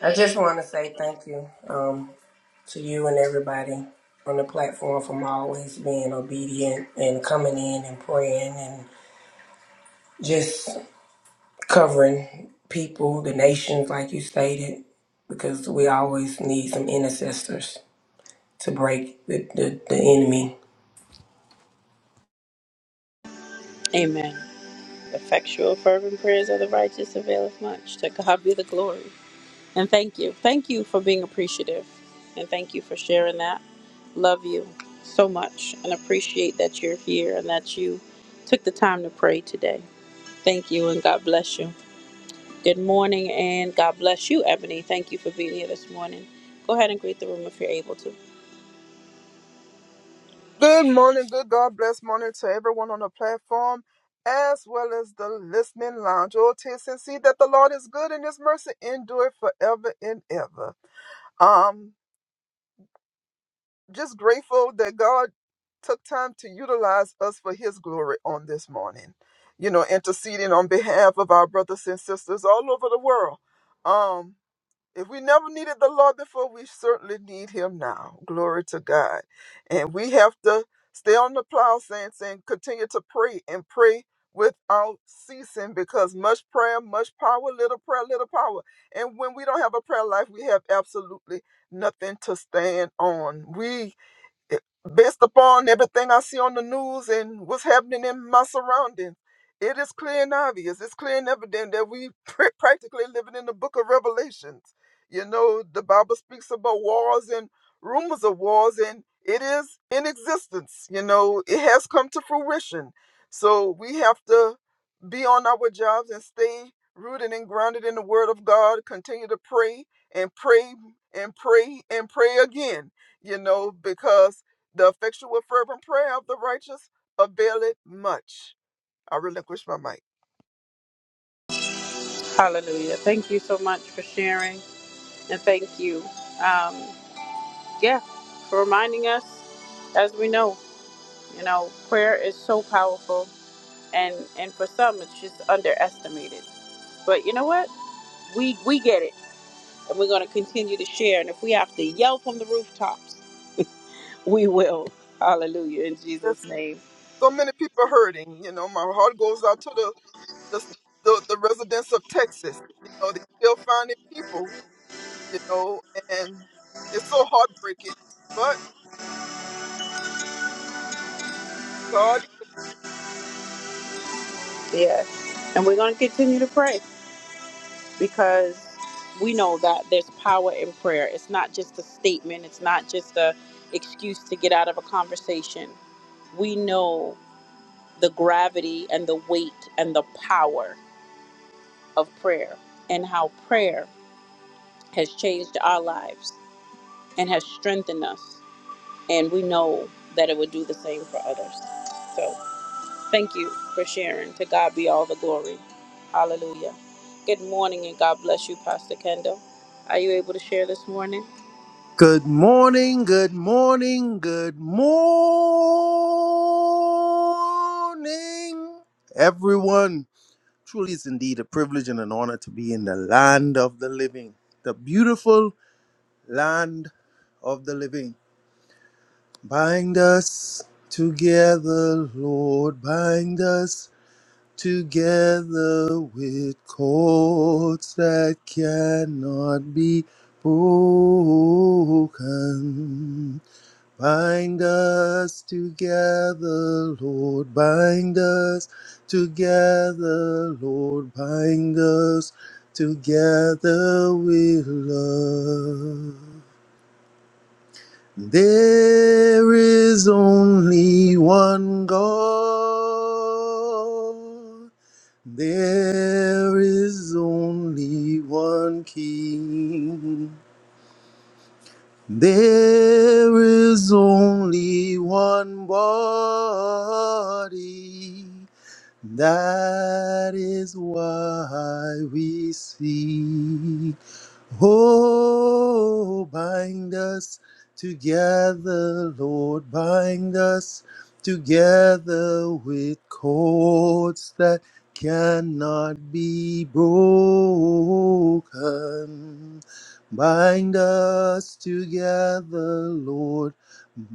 Speaker 4: I just want to say thank you um, to you and everybody on the platform for always being obedient and coming in and praying and just covering people, the nations, like you stated, because we always need some intercessors to break the, the, the enemy.
Speaker 1: Amen. Effectual, fervent prayers of the righteous availeth much. To God be the glory. And thank you. Thank you for being appreciative. And thank you for sharing that. Love you so much and appreciate that you're here and that you took the time to pray today. Thank you and God bless you. Good morning and God bless you, Ebony. Thank you for being here this morning. Go ahead and greet the room if you're able to.
Speaker 3: Good morning, good God bless morning to everyone on the platform as well as the listening lounge. Oh, taste and see that the Lord is good and his mercy endure forever and ever. Um, just grateful that God took time to utilize us for his glory on this morning. You know, interceding on behalf of our brothers and sisters all over the world. Um. If we never needed the Lord before, we certainly need him now. Glory to God. And we have to stay on the plow, saints, and continue to pray and pray without ceasing because much prayer, much power, little prayer, little power. And when we don't have a prayer life, we have absolutely nothing to stand on. We it- Based upon everything I see on the news and what's happening in my surroundings, it is clear and obvious. It's clear and evident that we pr- practically living in the book of Revelations. You know, the Bible speaks about wars and rumors of wars, and it is in existence. You know, it has come to fruition. So we have to be on our jobs and stay rooted and grounded in the Word of God. Continue to pray and pray and pray and pray again. You know, because the effectual fervent prayer of the righteous availeth much. I relinquish my mic.
Speaker 1: Hallelujah. Thank you so much for sharing. And thank you, um, yeah, for reminding us. As we know, you know, prayer is so powerful, and and for some, it's just underestimated. But you know what? We we get it, and we're going to continue to share. And if we have to yell from the rooftops, we will. Hallelujah in Jesus'
Speaker 3: There's
Speaker 1: name.
Speaker 3: so many people hurting. You know, my heart goes out to the the, the, the residents of Texas. You know, they are still finding people. You know, and it's so heartbreaking. But God
Speaker 1: Yes, and we're going to continue to pray because we know that there's power in prayer. It's not just a statement. It's not just a excuse to get out of a conversation we know the gravity and the weight and the power of prayer and how prayer has changed our lives and has strengthened us. And we know that it would do the same for others. So thank you for sharing. To God be all the glory. Hallelujah. Good morning and God bless you, Pastor Kendall. Are you able to share this morning?
Speaker 2: Good morning, good morning, good morning, everyone. Truly, is indeed a privilege and an honor to be in the land of the living, the beautiful land of the living. Bind us together, Lord, bind us together with cords that cannot be broken. Bind us together, Lord. Bind us together, Lord. Bind us together with love. There is only one God. There is only one King. There is only one body. That is why we sing. Oh, bind us together, Lord, bind us together with cords that cannot be broken. Bind us together, Lord,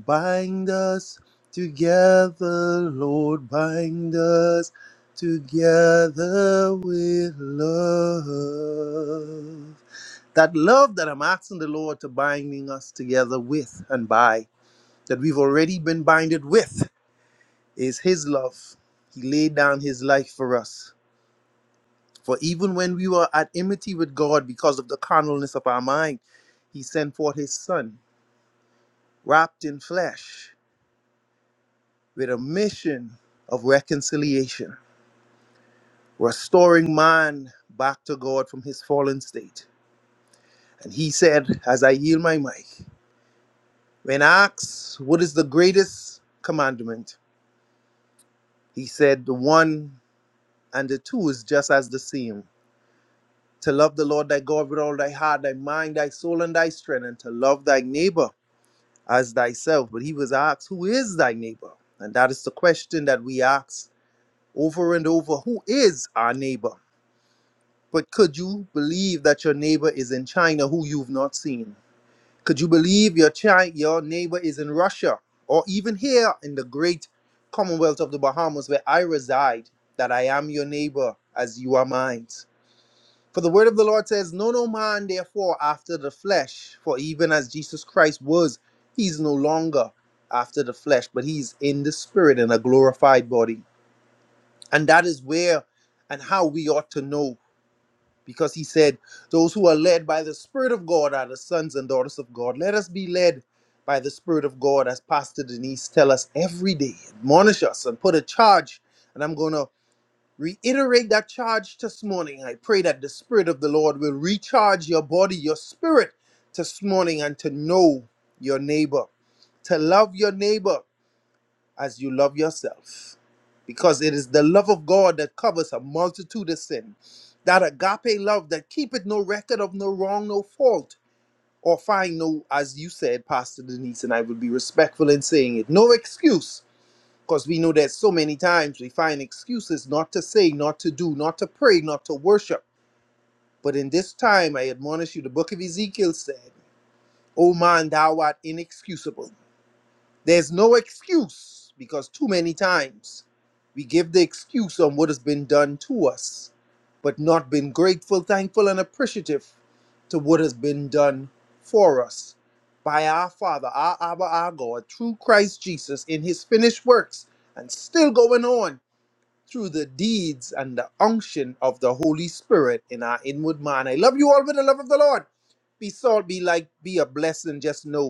Speaker 2: bind us together, Lord, bind us together with love. That love that I'm asking the Lord to binding us together with and by, that we've already been binded with, is His love. He laid down His life for us. For even when we were at enmity with God because of the carnalness of our mind, He sent forth His Son, wrapped in flesh, with a mission of reconciliation, restoring man back to God from his fallen state And he said, as I yield my mic, when asked, What is the greatest commandment? He said, The one and the two is just as the same to love the Lord thy God with all thy heart, thy mind, thy soul, and thy strength, and to love thy neighbor as thyself. But he was asked, Who is thy neighbor? And that is the question that we ask over and over Who is our neighbor? But could you believe that your neighbor is in China who you've not seen? Could you believe your child, your neighbor is in Russia or even here in the great Commonwealth of the Bahamas where I reside, that I am your neighbor as you are mine? For the word of the Lord says, Know no man therefore after the flesh, for even as Jesus Christ was, he's no longer after the flesh, but he's in the spirit in a glorified body. And that is where and how we ought to know because he said, Those who are led by the Spirit of God are the sons and daughters of God. Let us be led by the Spirit of God, as Pastor Denise tell us every day, admonish us and put a charge. And I'm going to reiterate that charge this morning. I pray that the Spirit of the Lord will recharge your body, your spirit this morning, and to know your neighbor, to love your neighbor as you love yourself. Because it is the love of God that covers a multitude of sin. That agape love that keepeth no record of no wrong, no fault, or find no, as you said, Pastor Denise, and I will be respectful in saying it, no excuse. Because we know that so many times we find excuses not to say, not to do, not to pray, not to worship. But in this time, I admonish you, the book of Ezekiel said, O man, thou art inexcusable. There's no excuse because too many times we give the excuse on what has been done to us, but not been grateful, thankful, and appreciative to what has been done for us by our Father, our Abba, our God, through Christ Jesus in his finished works and still going on through the deeds and the unction of the Holy Spirit in our inward man. I love you all with the love of the Lord. Be salt, be like, be a blessing. Just know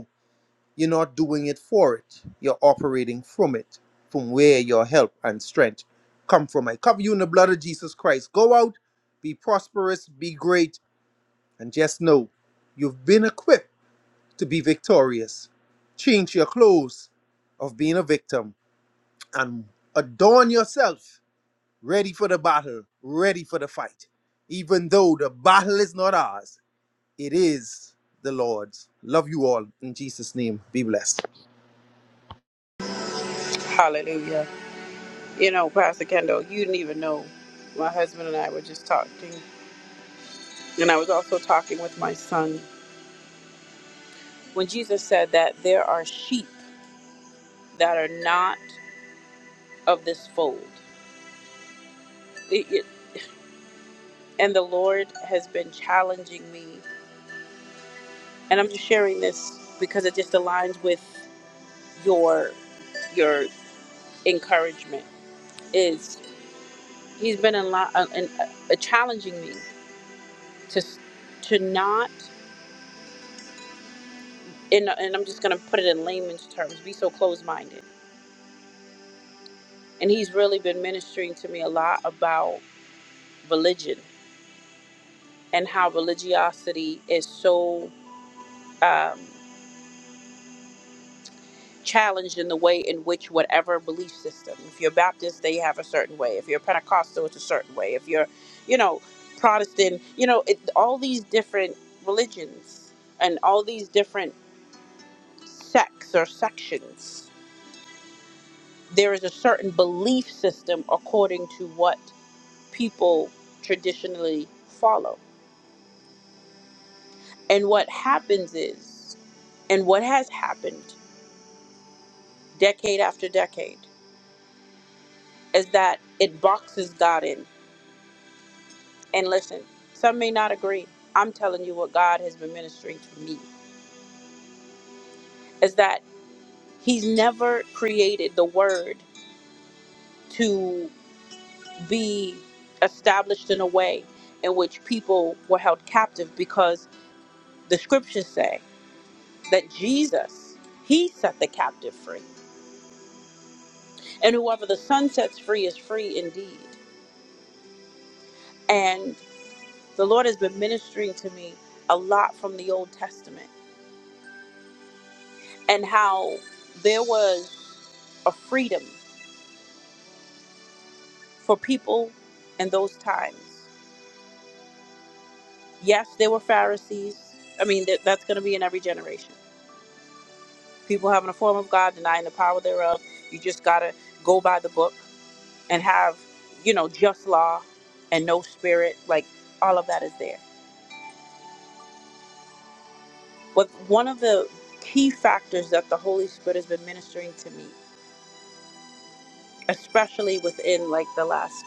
Speaker 2: you're not doing it for it. You're operating from it, from where your help and strength come from. I cover you in the blood of Jesus Christ. Go out, be prosperous, be great, and just know you've been equipped to be victorious. Change your clothes of being a victim and adorn yourself ready for the battle, ready for the fight. Even though the battle is not ours, it is the Lord's. Love you all. In Jesus' name, be blessed.
Speaker 1: Hallelujah. You know, Pastor Kendall, you didn't even know. My husband and I were just talking. And I was also talking with my son when Jesus said that there are sheep that are not of this fold. It- it- and the Lord has been challenging me, and I'm just sharing this because it just aligns with your your encouragement. Is He's been a lot uh, and, uh, uh, challenging me to s- to not and and I'm just gonna put it in layman's terms, be so closed minded. And He's really been ministering to me a lot about religion and how religiosity is so um, challenged in the way in which whatever belief system. If you're Baptist, they have a certain way. If you're Pentecostal, it's a certain way. If you're, you know, Protestant, you know, it, all these different religions and all these different sects or sections, there is a certain belief system according to what people traditionally follow. And what happens is, and what has happened decade after decade, is that it boxes God in And listen, some may not agree. I'm telling you what God has been ministering to me is that He's never created the word to be established in a way in which people were held captive because the scriptures say that Jesus, He set the captive free. And whoever the Son sets free is free indeed. And the Lord has been ministering to me a lot from the Old Testament and how there was a freedom for people in those times. Yes, there were Pharisees. I mean, that, that's going to be in every generation. People having a form of God, denying the power thereof. You just got to go by the book and have, you know, just law and no spirit. Like, all of that is there. But one of the key factors that the Holy Spirit has been ministering to me, especially within like the last,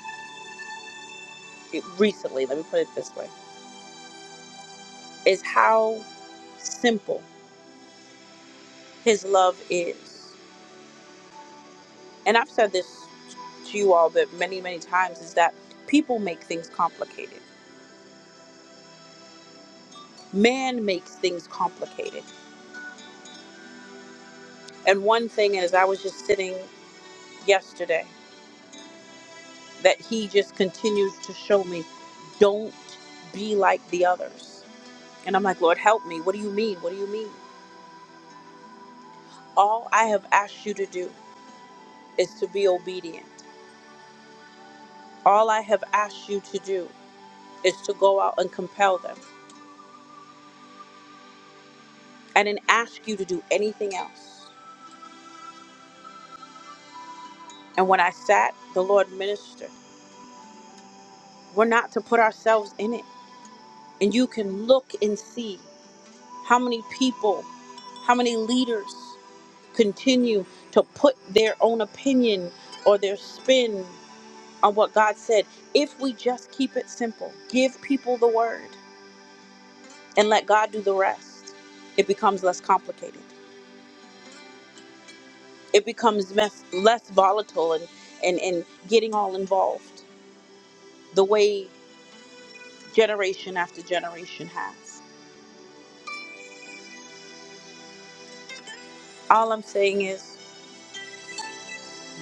Speaker 1: eh, recently, let me put it this way, is how simple his love is. and I've said this to you all but many, many times is that people make things complicated. Man makes things complicated. And one thing is I was just sitting yesterday that he just continues to show me, don't be like the others. And I'm like, Lord help me. What do you mean? What do you mean? All I have asked you to do is to be obedient. All I have asked you to do is to go out and compel them. I didn't ask you to do anything else. And when I sat, the Lord ministered. We're not to put ourselves in it. And you can look and see how many people, how many leaders continue to put their own opinion or their spin on what God said. If we just keep it simple, give people the word and let God do the rest, it becomes less complicated. It becomes mess, less volatile and, and, and getting all involved the way generation after generation has. All I'm saying is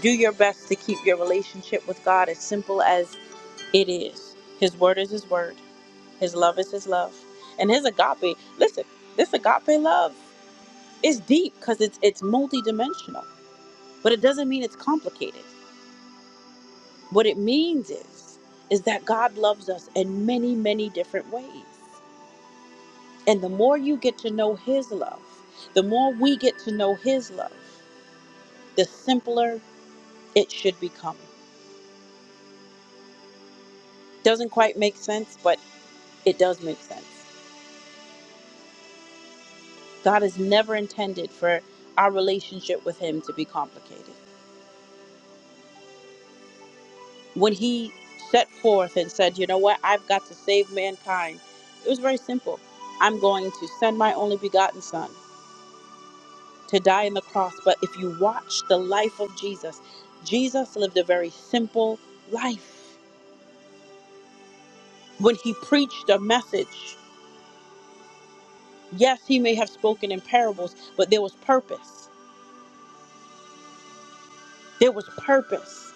Speaker 1: do your best to keep your relationship with God as simple as it is. His word is his word, his love is his love. And his agape, listen, this agape love is deep because it's it's multidimensional. But it doesn't mean it's complicated. What it means is is that God loves us in many, many different ways. And the more you get to know his love, the more we get to know his love, the simpler it should become. Doesn't quite make sense, but it does make sense. God has never intended for our relationship with Him to be complicated. When He set forth and said, You know what, I've got to save mankind, it was very simple. I'm going to send my only begotten Son to die on the cross. But if you watch the life of Jesus, Jesus lived a very simple life. When He preached a message, yes, He may have spoken in parables, but there was purpose. There was purpose.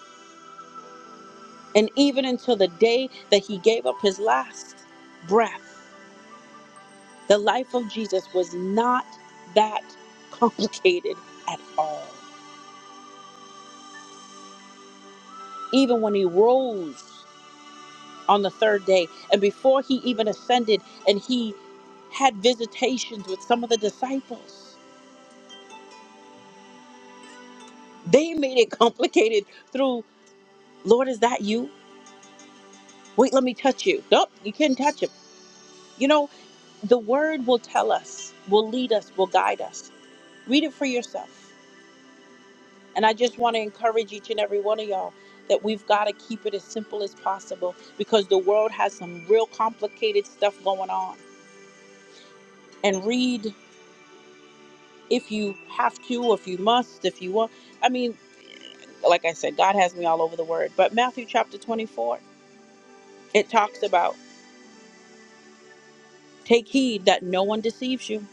Speaker 1: and even until the day that he gave up his last breath, the life of Jesus was not that complicated at all. Even when he rose on the third day, and before he even ascended, and he had visitations with some of the disciples, they made it complicated through, Lord, is that you? Wait, let me touch you. Nope, you can't touch him. You know, the word will tell us, will lead us, will guide us. Read it for yourself. And I just want to encourage each and every one of y'all that we've got to keep it as simple as possible because the world has some real complicated stuff going on. And read if you have to, if you must, if you want. I mean, like I said, God has me all over the word. But Matthew chapter 24, it talks about take heed that no one deceives you.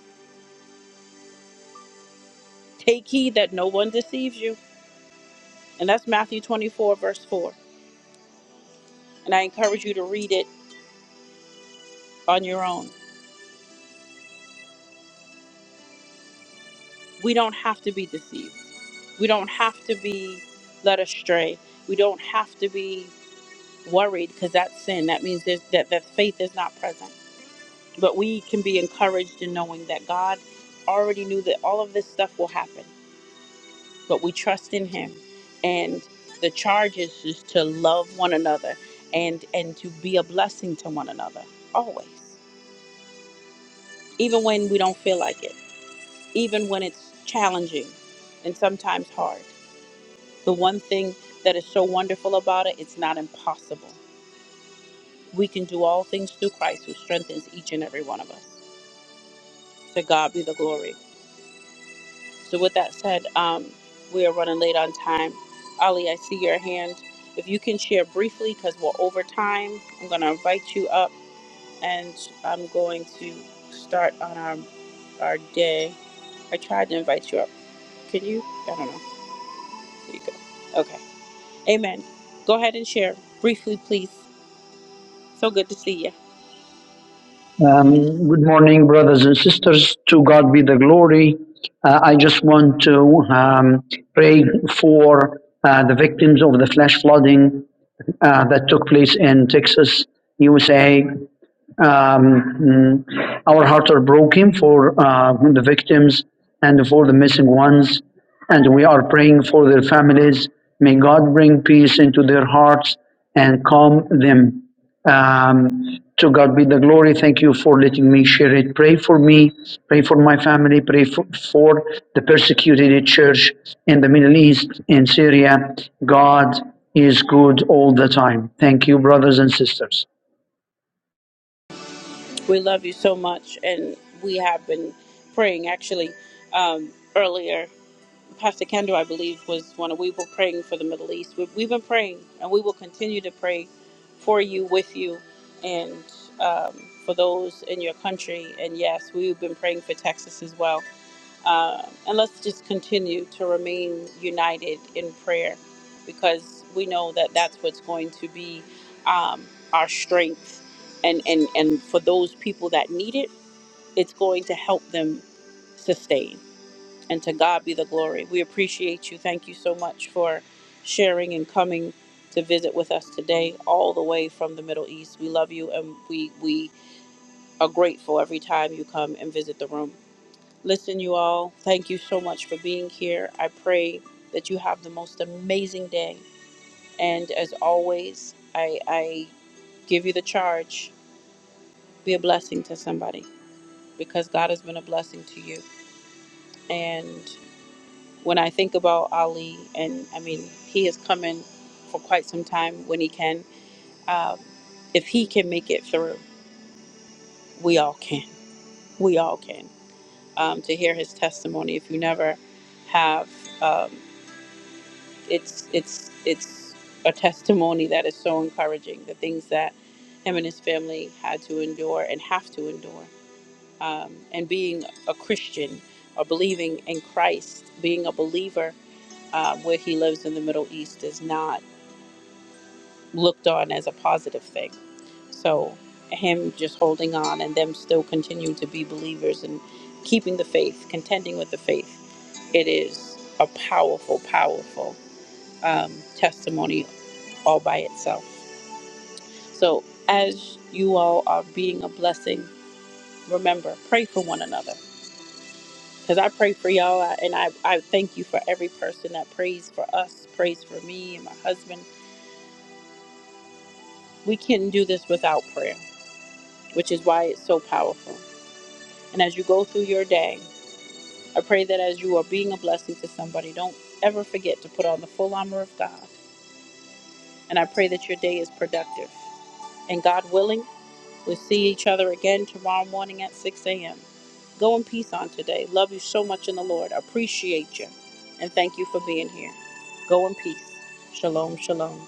Speaker 1: Take heed that no one deceives you. And that's Matthew 24, verse 4. And I encourage you to read it on your own. we don't have to be deceived. We don't have to be led astray. We don't have to be worried because that's sin. That means there's, that that faith is not present. But we can be encouraged in knowing that God already knew that all of this stuff will happen. But we trust in Him, and the charge is just to love one another and and to be a blessing to one another always, even when we don't feel like it, even when it's challenging and sometimes hard The one thing that is so wonderful about it, it's not impossible. We can do all things through Christ who strengthens each and every one of us. To God be the glory. So, with that said, um, we are running late on time. Ali, I see your hand. If you can share briefly, because we're over time, I'm going to invite you up and I'm going to start on our, our day. I tried to invite you up. Can you? I don't know. There you go. Okay. Amen. Go ahead and share briefly, please. So good to see you.
Speaker 6: Um, good morning, brothers and sisters. To God be the glory. Uh, I just want to um, pray for uh, the victims of the flash flooding uh, that took place in Texas, USA. Um, mm, our hearts are broken for uh, the victims and for the missing ones, and we are praying for their families. May God bring peace into their hearts and calm them. Um, to God be the glory. Thank you for letting me share it. Pray for me. Pray for my family. Pray for, for the persecuted church in the Middle East, in Syria. God is good all the time. Thank you, brothers and sisters.
Speaker 1: We love you so much, and we have been praying actually um, earlier. Pastor Kendall, I believe, was one of we were praying for the Middle East. We, we've been praying, and we will continue to pray for you, with you, and um, for those in your country. And yes, we've been praying for Texas as well. Uh, and let's just continue to remain united in prayer, because we know that that's what's going to be um, our strength. And, and and for those people that need it, it's going to help them sustain. And to God be the glory. We appreciate you. Thank you so much for sharing and coming to visit with us today, all the way from the Middle East. We love you and we, we are grateful every time you come and visit the room. Listen, you all, thank you so much for being here. I pray that you have the most amazing day. And as always, I, I give you the charge be a blessing to somebody because God has been a blessing to you. And When I think about Ali, and I mean, he is coming for quite some time when he can. Um, if he can make it through, we all can. We all can. Um, to hear his testimony, if you never have, um, it's it's it's a testimony that is so encouraging. The things that him and his family had to endure and have to endure, um, and being a Christian or believing in Christ, being a believer uh, where he lives in the Middle East is not. looked on as a positive thing. So him just holding on and them still continuing to be believers and keeping the faith, contending with the faith, it is a powerful, powerful um, testimony all by itself. So as you all are being a blessing, remember, pray for one another. Because I pray for y'all, I- and I, I thank you for every person that prays for us, prays for me and my husband. We can't do this without prayer, which is why it's so powerful. And as you go through your day, I pray that as you are being a blessing to somebody, don't ever forget to put on the full armor of God. And I pray that your day is productive. And God willing, we'll see each other again tomorrow morning at 6 a.m. Go in peace on today. Love you so much in the Lord. Appreciate you. And thank you for being here. Go in peace. Shalom, shalom.